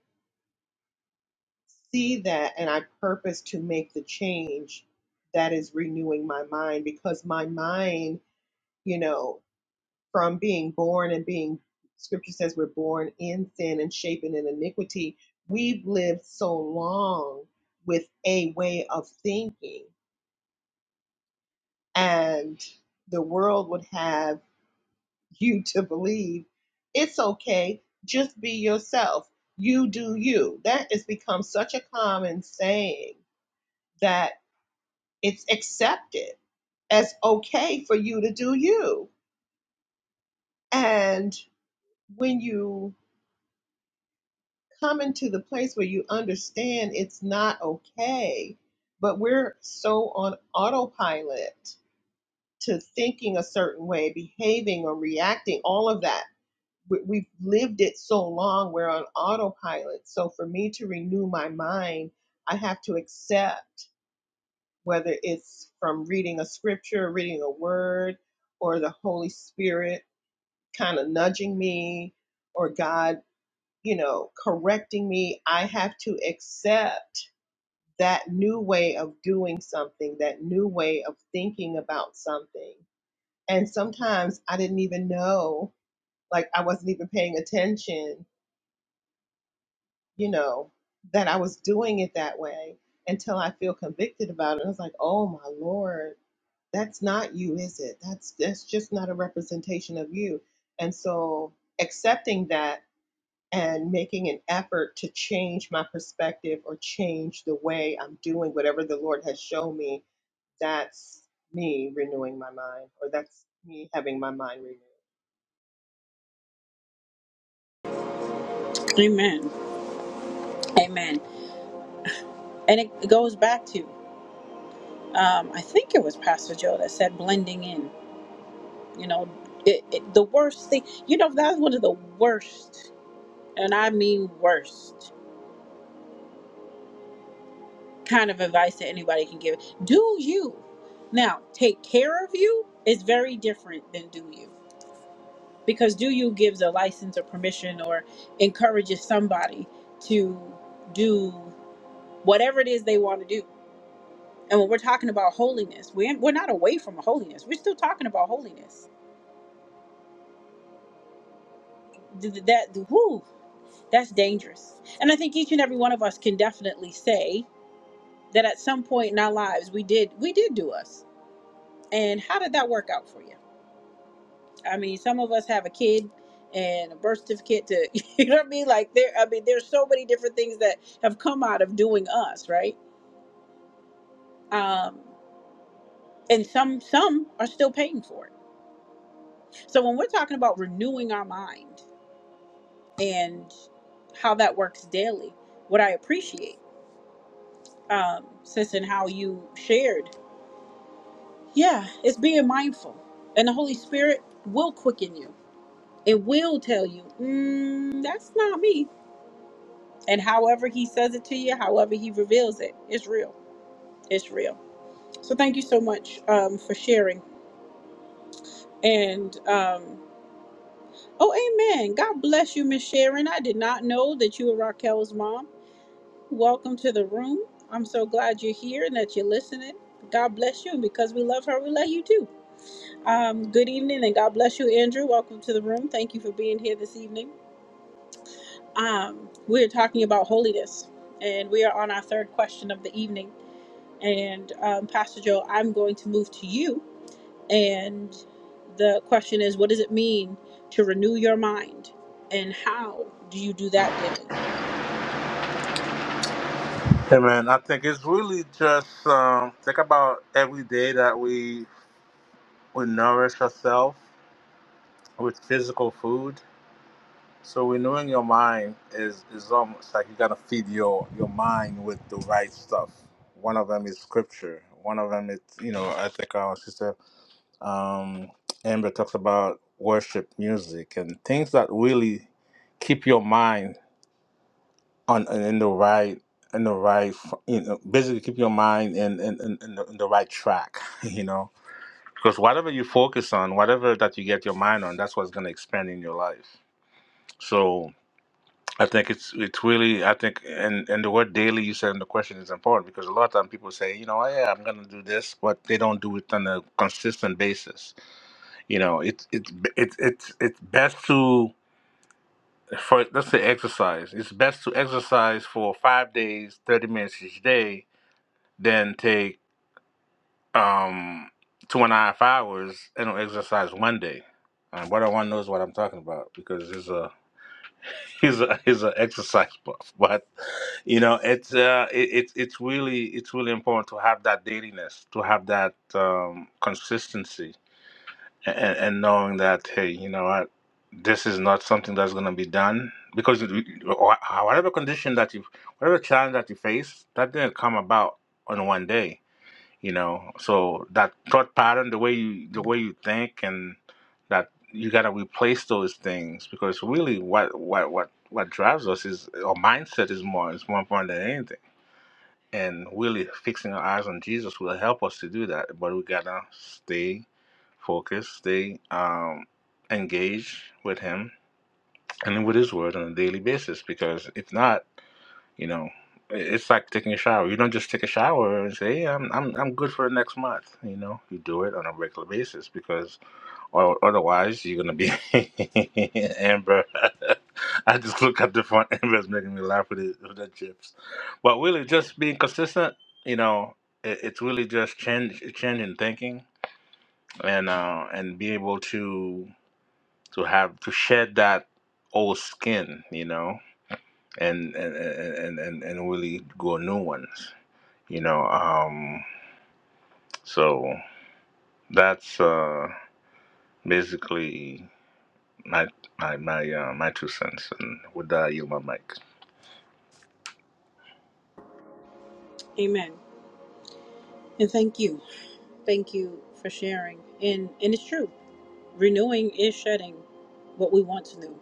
Speaker 4: see that and I purpose to make the change, that is renewing my mind because my mind, you know. from being born and being scripture says we're born in sin and shapen in iniquity we've lived so long with a way of thinking and the world would have you to believe it's okay just be yourself you do you that has become such a common saying that it's accepted as okay for you to do you and when you coming to the place where you understand it's not okay, but we're so on autopilot to thinking a certain way, behaving or reacting, all of that. We- We've lived it so long, we're on autopilot. So for me to renew my mind, I have to accept whether it's from reading a scripture, reading a word, or the Holy Spirit kind of nudging me, or God you know, correcting me. I have to accept that new way of doing something, that new way of thinking about something. And sometimes I didn't even know, like I wasn't even paying attention, you know, that I was doing it that way until I feel convicted about it. I was like, oh my Lord, that's not you, is it? That's that's just not a representation of you. And so accepting that and making an effort to change my perspective or change the way I'm doing whatever the Lord has shown me, that's me renewing my mind or that's me having my mind renewed.
Speaker 1: Amen. Amen. And it it goes back to, um, I think it was Pastor Joe that said blending in. You know, it, it, the worst thing, you know, that's one of the worst, and I mean worst, kind of advice that anybody can give. Do you. Now, take care of you is very different than do you. because do you gives a license or permission or encourages somebody to do whatever it is they want to do and when we're talking about holiness we're, we're not away from holiness we're still talking about holiness Th- th- that whoo, that's dangerous and i think each and every one of us can definitely say that at some point in our lives we did we did do us and how did that work out for you I mean, some of us have a kid and a birth certificate to, you know what I mean? Like there, I mean, there's so many different things that have come out of doing us, right? Um, and some, some are still paying for it. So when we're talking about renewing our mind and how that works daily, what I appreciate, um, sis, and how you shared, yeah, it's being mindful, and the Holy Spirit will quicken you. It will tell you, mm, that's not me And however he says it to you, however he reveals it, it's real. It's real. So thank you so much um, for sharing. And um, oh, amen. God bless you, Miss Sharon. I did not know that you were Raquel's mom. Welcome to the room. I'm so glad you're here and that you're listening. God bless you. And because we love her, we love you too. Um, good evening and God bless you, Andrew. Welcome to the room. Thank you for being here this evening. Um, we're talking about holiness and we are on our third question of the evening. And um, Pastor Joe, I'm going to move to you. And the question is, what does it mean to renew your mind? And how do you do that daily?
Speaker 3: Hey man, I think it's really just um, think about every day that we we nourish ourselves with physical food. So renewing your mind is is almost like you gotta feed your your mind with the right stuff. One of them is scripture. One of them is you know I think our sister um, Amber talks about worship music and things that really keep your mind. on and in the right in the right f- you know basically keep your mind in in, in, in, the, in the right track you know because whatever you focus on whatever that you get your mind on that's what's going to expand in your life so i think it's it's really i think and and the word daily you said in the question is important because a lot of time people say you know yeah i'm going to do this but they don't do it on a consistent basis you know it's it's it's it's it's best to for let's say exercise it's best to exercise for five days 30 minutes each day then take um two and a half hours and exercise one day. And brother one knows what I'm talking about because he's a he's a he's an exercise buff. But you know, it's uh it, it's it's really it's really important to have that dailiness, to have that um consistency and, and knowing that hey, you know what, this is not something that's gonna be done because it- wh- whatever condition that you whatever challenge that you face, that didn't come about on one day you know so that thought pattern the way you the way you think and that you got to replace those things because really what what what what drives us is our mindset is more is more important than anything and really fixing our eyes on jesus will help us to do that but we gotta stay focused stay um engaged with him and with his word on a daily basis because if not you know, it's like taking a shower. You don't just take a shower and say, "Yeah, I'm I'm I'm good for the next month." You know, you do it on a regular basis because, or otherwise, you're gonna be Amber. I just look at the front. Amber's making me laugh with, it, with the chips, but really, just being consistent. You know, it, it's really just change changing thinking and uh and be able to to have to shed that old skin. You know and and and and, and really grow new ones you know um so that's uh basically my my my uh, my two cents and with that I yield my mic
Speaker 1: Amen. And thank you. Thank you for sharing. And, and it's true. Renewing is shedding what we once knew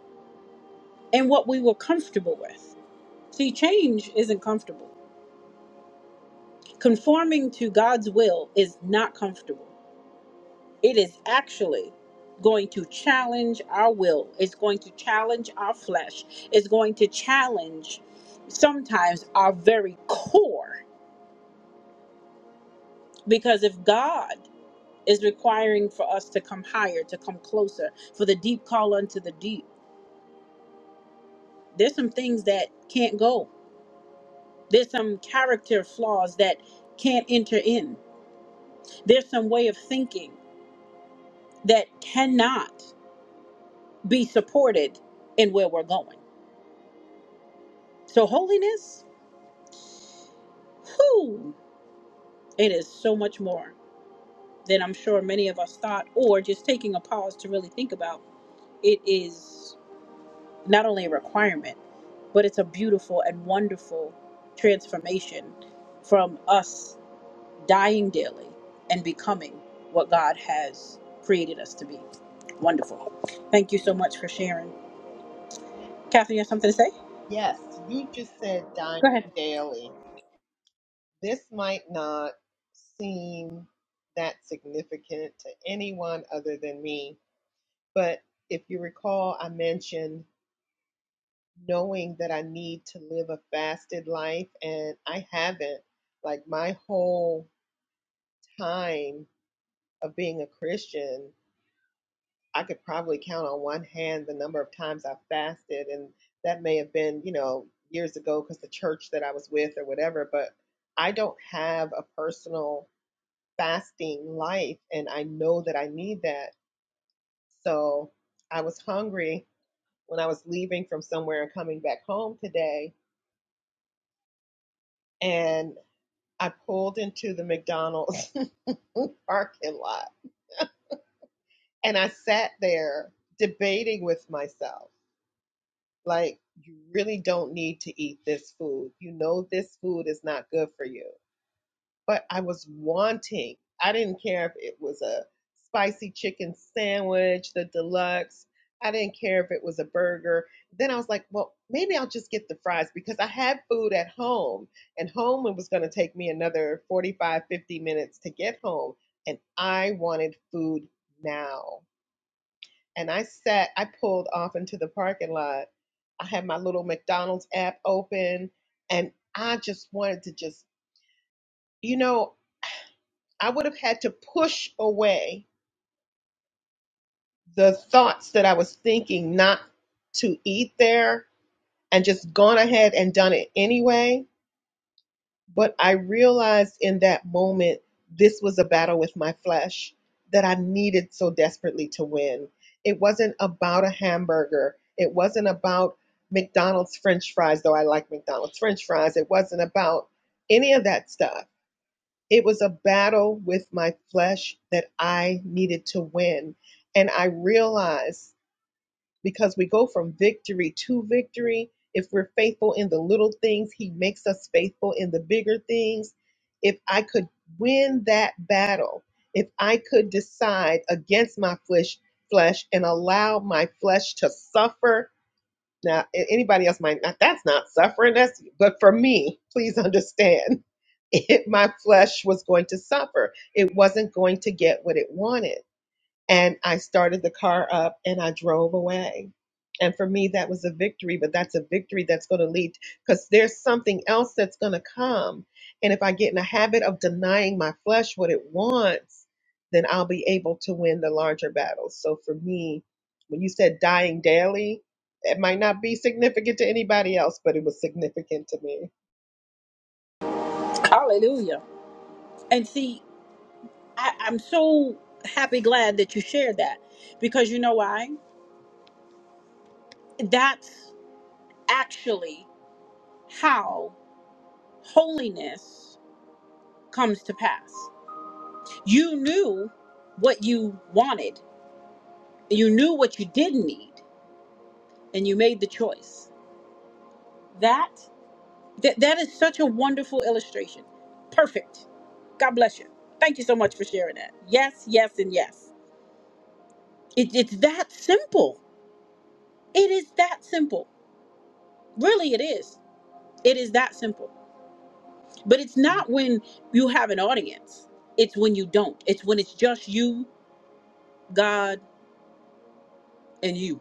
Speaker 1: and what we were comfortable with. See, change isn't comfortable. Conforming to God's will is not comfortable. It is actually going to challenge our will. It's going to challenge our flesh. It's going to challenge sometimes our very core. Because if God is requiring for us to come higher, to come closer, for the deep call unto the deep, there's some things that can't go. There's some character flaws that can't enter in. There's some way of thinking that cannot be supported in where we're going. So, holiness. Whew, it is so much more than I'm sure many of us thought, or just taking a pause to really think about. It is not only a requirement, but it's a beautiful and wonderful transformation from us dying daily and becoming what God has created us to be. Wonderful. Thank you so much for sharing.
Speaker 4: Can't miss.
Speaker 1: Kathy, you have something to say?
Speaker 4: Yes, you just said
Speaker 1: Go
Speaker 4: dying
Speaker 1: ahead.
Speaker 4: daily. This might not seem that significant to anyone other than me, but if you recall, I mentioned knowing that I need to live a fasted life, and I haven't like my whole time of being a Christian, I could probably count on one hand the number of times I fasted. And that may have been, you know, years ago because the church that I was with or whatever, but I don't have a personal fasting life. And I know that I need that. So I was hungry when I was leaving from somewhere and coming back home today. And I pulled into the McDonald's parking lot and I sat there debating with myself Like, you really don't need to eat this food. You know, this food is not good for you. But I was wanting, I didn't care if it was a spicy chicken sandwich, the deluxe. I didn't care if it was a burger. Then I was like, well, maybe I'll just get the fries because I had food at home and home it was going to take me another 45, 50 minutes to get home. And I wanted food now and I sat, I pulled off into the parking lot. I had my little McDonald's app open and I just wanted to just, you know, I would have had to push away the thoughts that I was thinking not to eat there and just gone ahead and done it anyway. But I realized in that moment this was a battle with my flesh that I needed so desperately to win. It wasn't about a hamburger, it wasn't about McDonald's french fries, though I like McDonald's french fries. It wasn't about any of that stuff. It was a battle with my flesh that I needed to win. And I realized because we go from victory to victory. If we're faithful in the little things, He makes us faithful in the bigger things. If I could win that battle, if I could decide against my flesh, flesh and allow my flesh to suffer. Now, a- anybody else might not, that's not suffering. That's, but for me, please understand, it, my flesh was going to suffer. It wasn't going to get what it wanted and I started the car up and I drove away. And for me, that was a victory, but that's a victory that's going to lead because there's something else that's going to come. And if I get in a habit of denying my flesh what it wants, then I'll be able to win the larger battles. So for me, when you said dying daily, it might not be significant to anybody else, but it was significant to me.
Speaker 1: Hallelujah. And see, I, I'm so happy, glad that you shared that because you know why? that's actually how holiness comes to pass. You knew what you wanted, you knew what you didn't need, and you made the choice. That that, that is such a wonderful illustration. Perfect. God bless you. Thank you so much for sharing that. Yes, yes, and yes. It, it's that simple. It is that simple. Really, it is. It is that simple. But it's not when you have an audience. It's when you don't. It's when it's just you, God, and you.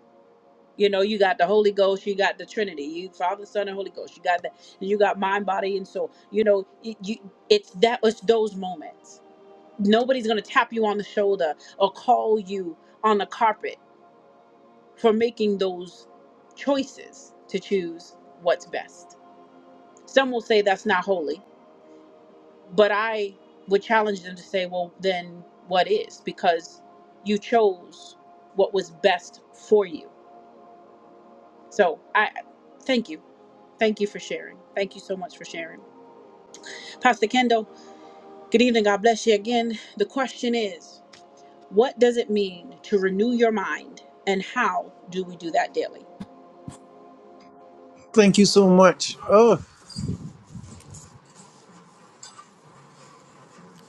Speaker 1: You know, you got the Holy Ghost, you got the Trinity, you Father, Son, and Holy Ghost. You got that, and you got mind, body, and soul. You know, it, you, it's that. It's those moments. Nobody's gonna tap you on the shoulder or call you on the carpet for making those choices to choose what's best. Some will say that's not holy But I would challenge them to say, well, then what is? Because you chose what was best for you. So I thank you. Thank you for sharing. Thank you so much for sharing. Pastor Kendall, good evening. God bless you again. The question is what does it mean to renew your mind and how do we do that daily?
Speaker 2: Thank you so much. Oh.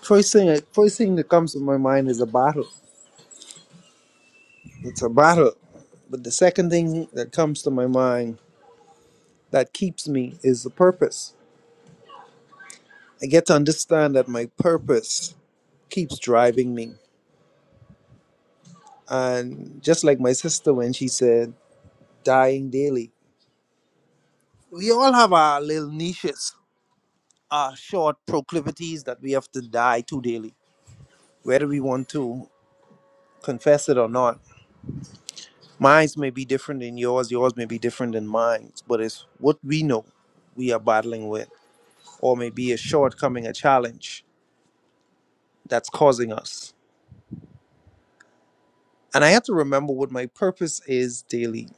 Speaker 2: First thing, first thing that comes to my mind is a battle. It's a battle. But the second thing that comes to my mind that keeps me is the purpose. I get to understand that my purpose keeps driving me. And just like my sister when she said, dying daily, we all have our little niches, our short proclivities that we have to die to daily, whether we want to confess it or not Minds may be different than yours, yours may be different than mine, but it's what we know we are battling with, or maybe a shortcoming, a challenge that's causing us. And I have to remember what my purpose is daily,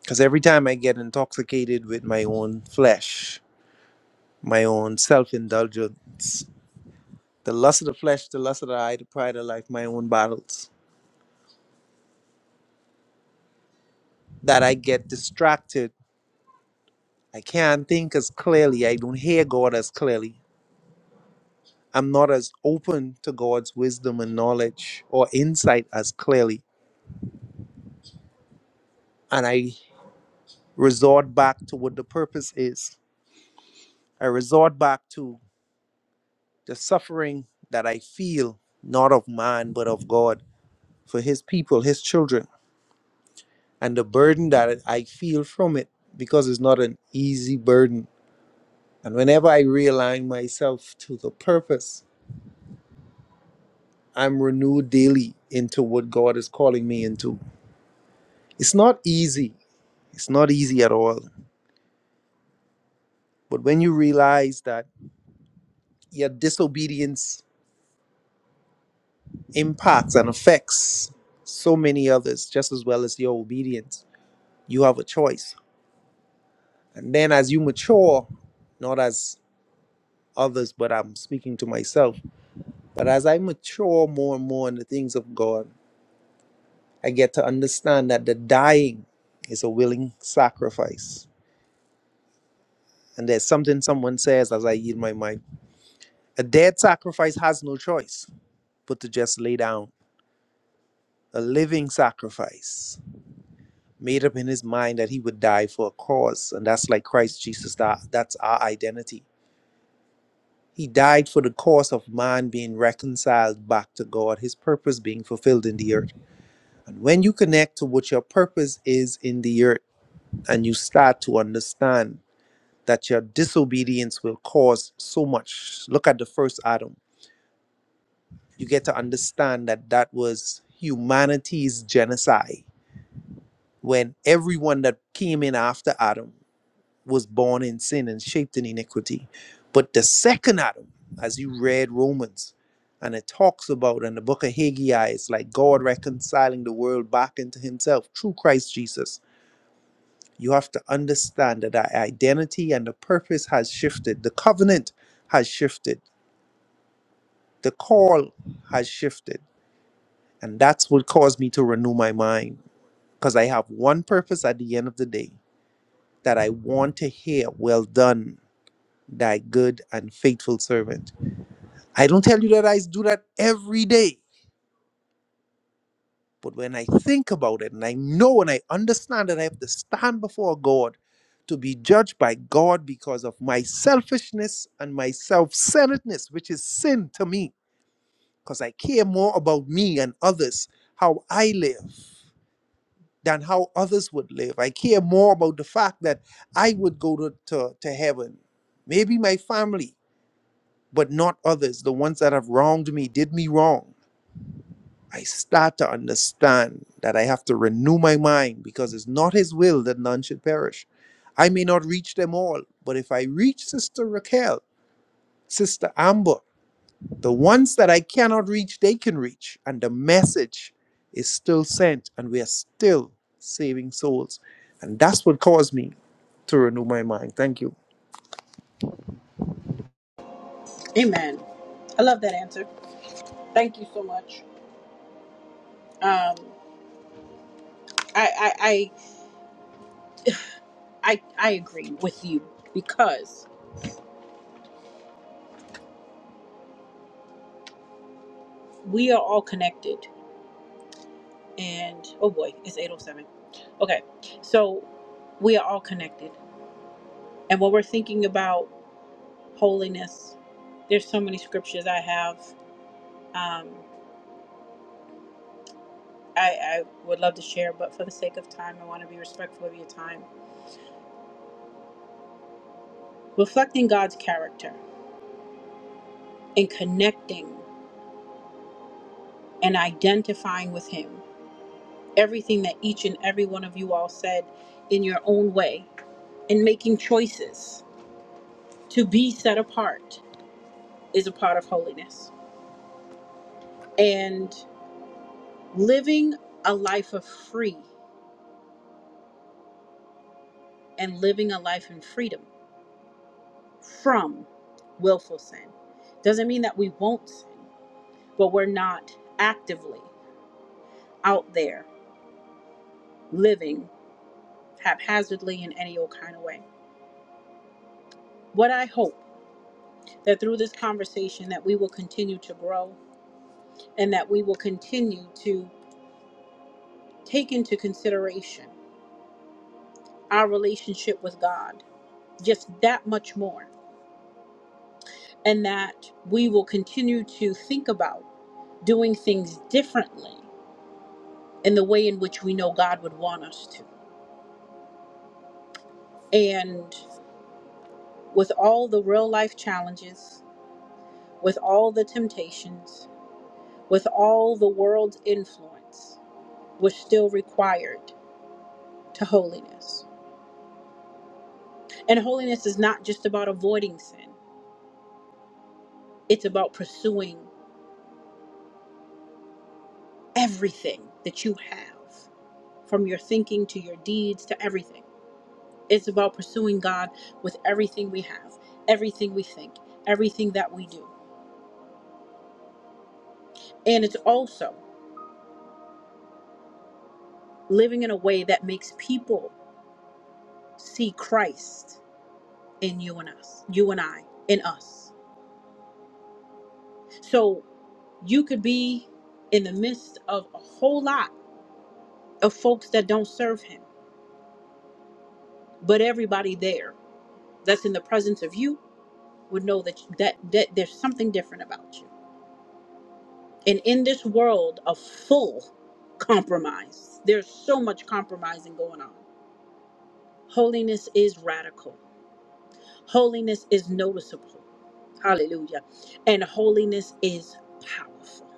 Speaker 2: because every time I get intoxicated with my own flesh, my own self indulgence, the lust of the flesh, the lust of the eye, the pride of life, my own battles, that I get distracted. I can't think as clearly, I don't hear God as clearly I'm not as open to God's wisdom and knowledge or insight as clearly. And I resort back to what the purpose is. I resort back to the suffering that I feel, not of man, but of God, for his people, his children, and the burden that I feel from it, because it's not an easy burden. And whenever I realign myself to the purpose, I'm renewed daily into what God is calling me into. It's not easy. It's not easy at all. But when you realize that your disobedience impacts and affects so many others just as well as your obedience, you have a choice. And then as you mature, not as others, but I'm speaking to myself, but as I mature more and more in the things of God, I get to understand that the dying is a willing sacrifice. And there's something someone says as I yield my mind a dead sacrifice has no choice but to just lay down. A living sacrifice made up in his mind that he would die for a cause. And that's like Christ Jesus, that, that's our identity. He died for the cause of man being reconciled back to God, his purpose being fulfilled in the earth. And when you connect to what your purpose is in the earth and you start to understand that your disobedience will cause so much, look at the first Adam. You get to understand that that was humanity's genocide when everyone that came in after Adam. was born in sin and shaped in iniquity. But the second Adam, as you read Romans, and it talks about in the book of Haggai, it's like God reconciling the world back into himself through Christ Jesus. You have to understand that our identity and the purpose has shifted. The covenant has shifted. The call has shifted. And that's what caused me to renew my mind. Because I have one purpose at the end of the day that I want to hear, well done, thy good and faithful servant. I don't tell you that I do that every day, but when I think about it and I know and I understand that I have to stand before God to be judged by God because of my selfishness and my self centeredness, which is sin to me, because I care more about me and others, how I live. Than how others would live. I care more about the fact that I would go to, to, to heaven. Maybe my family, but not others, the ones that have wronged me, did me wrong. I start to understand that I have to renew my mind because it's not His will that none should perish. I may not reach them all, but if I reach Sister Raquel, Sister Amber, the ones that I cannot reach, they can reach. And the message is still sent, and we are still saving souls. And that's what caused me to renew my mind. Thank you.
Speaker 1: Amen. I love that answer. Thank you so much. Um, I, I, I, I, I agree with you because we are all connected. and oh boy, it's 807. Okay, so we are all connected. And when we're thinking about holiness, there's so many scriptures I have. Um, I, I would love to share, but for the sake of time, I want to be respectful of your time. Reflecting God's character and connecting and identifying with Him, everything that each and every one of you all said in your own way, and making choices to be set apart is a part of holiness. and. living a life of free and living a life in freedom from willful sin doesn't mean that we won't sin, but we're not actively out there living haphazardly in any old kind of way. What I hope that through this conversation that we will continue to grow and that we will continue to take into consideration our relationship with God just that much more and that we will continue to think about doing things differently in the way in which we know God would want us to. And with all the real life challenges, with all the temptations, with all the world's influence, we're still required to holiness. And holiness is not just about avoiding sin, it's about pursuing everything that you have, from your thinking to your deeds to everything. It's about pursuing God with everything we have, everything we think, everything that we do. And it's also living in a way that makes people see Christ in you and us, you and I, in us. So you could be in the midst of a whole lot of folks that don't serve him, but everybody there that's in the presence of you would know that that, that there's something different about you. And in this world of full compromise, there's so much compromising going on. Holiness is radical. Holiness is noticeable. Hallelujah. And holiness is powerful.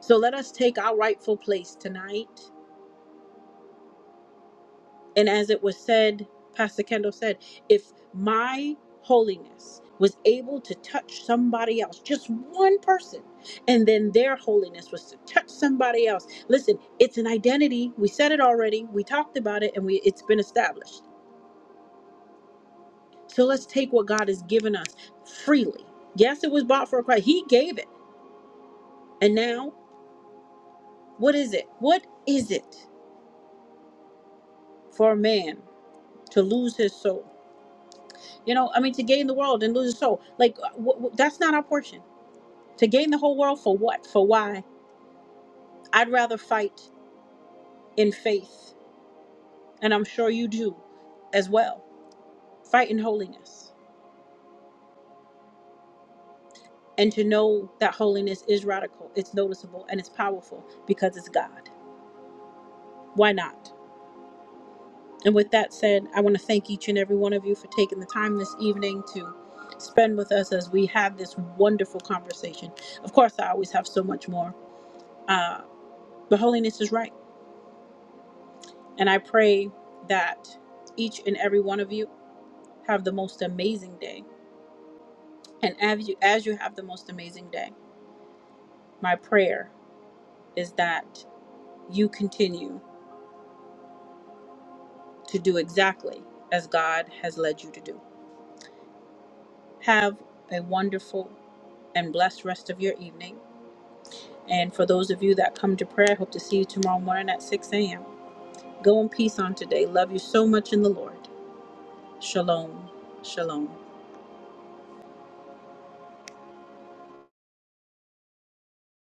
Speaker 1: So let us take our rightful place tonight. And as it was said, Pastor Kendall said, if my holiness was able to touch somebody else, just one person, and then their holiness was to touch somebody else. Listen, it's an identity. We said it already. We talked about it and we it's been established. So let's take what God has given us freely. Yes, it was bought for a price. He gave it. And now, what is it? What is it? for a man to lose his soul. You know, I mean, to gain the world and lose his soul. Like, w- w- that's not our portion. To gain the whole world for what? For why? I'd rather fight in faith, and I'm sure you do as well. Fight in holiness. And to know that holiness is radical, it's noticeable, and it's powerful because it's God. Why not? And with that said, I want to thank each and every one of you for taking the time this evening to spend with us as we have this wonderful conversation. Of course, I always have so much more Uh, but holiness is right. And I pray that each and every one of you have the most amazing day. And as you, as you have the most amazing day, my prayer is that you continue to do exactly as God has led you to do. Have a wonderful and blessed rest of your evening. And for those of you that come to prayer, I hope to see you tomorrow morning at 6 a.m. Go in peace on today. Love you so much in the Lord. Shalom. Shalom.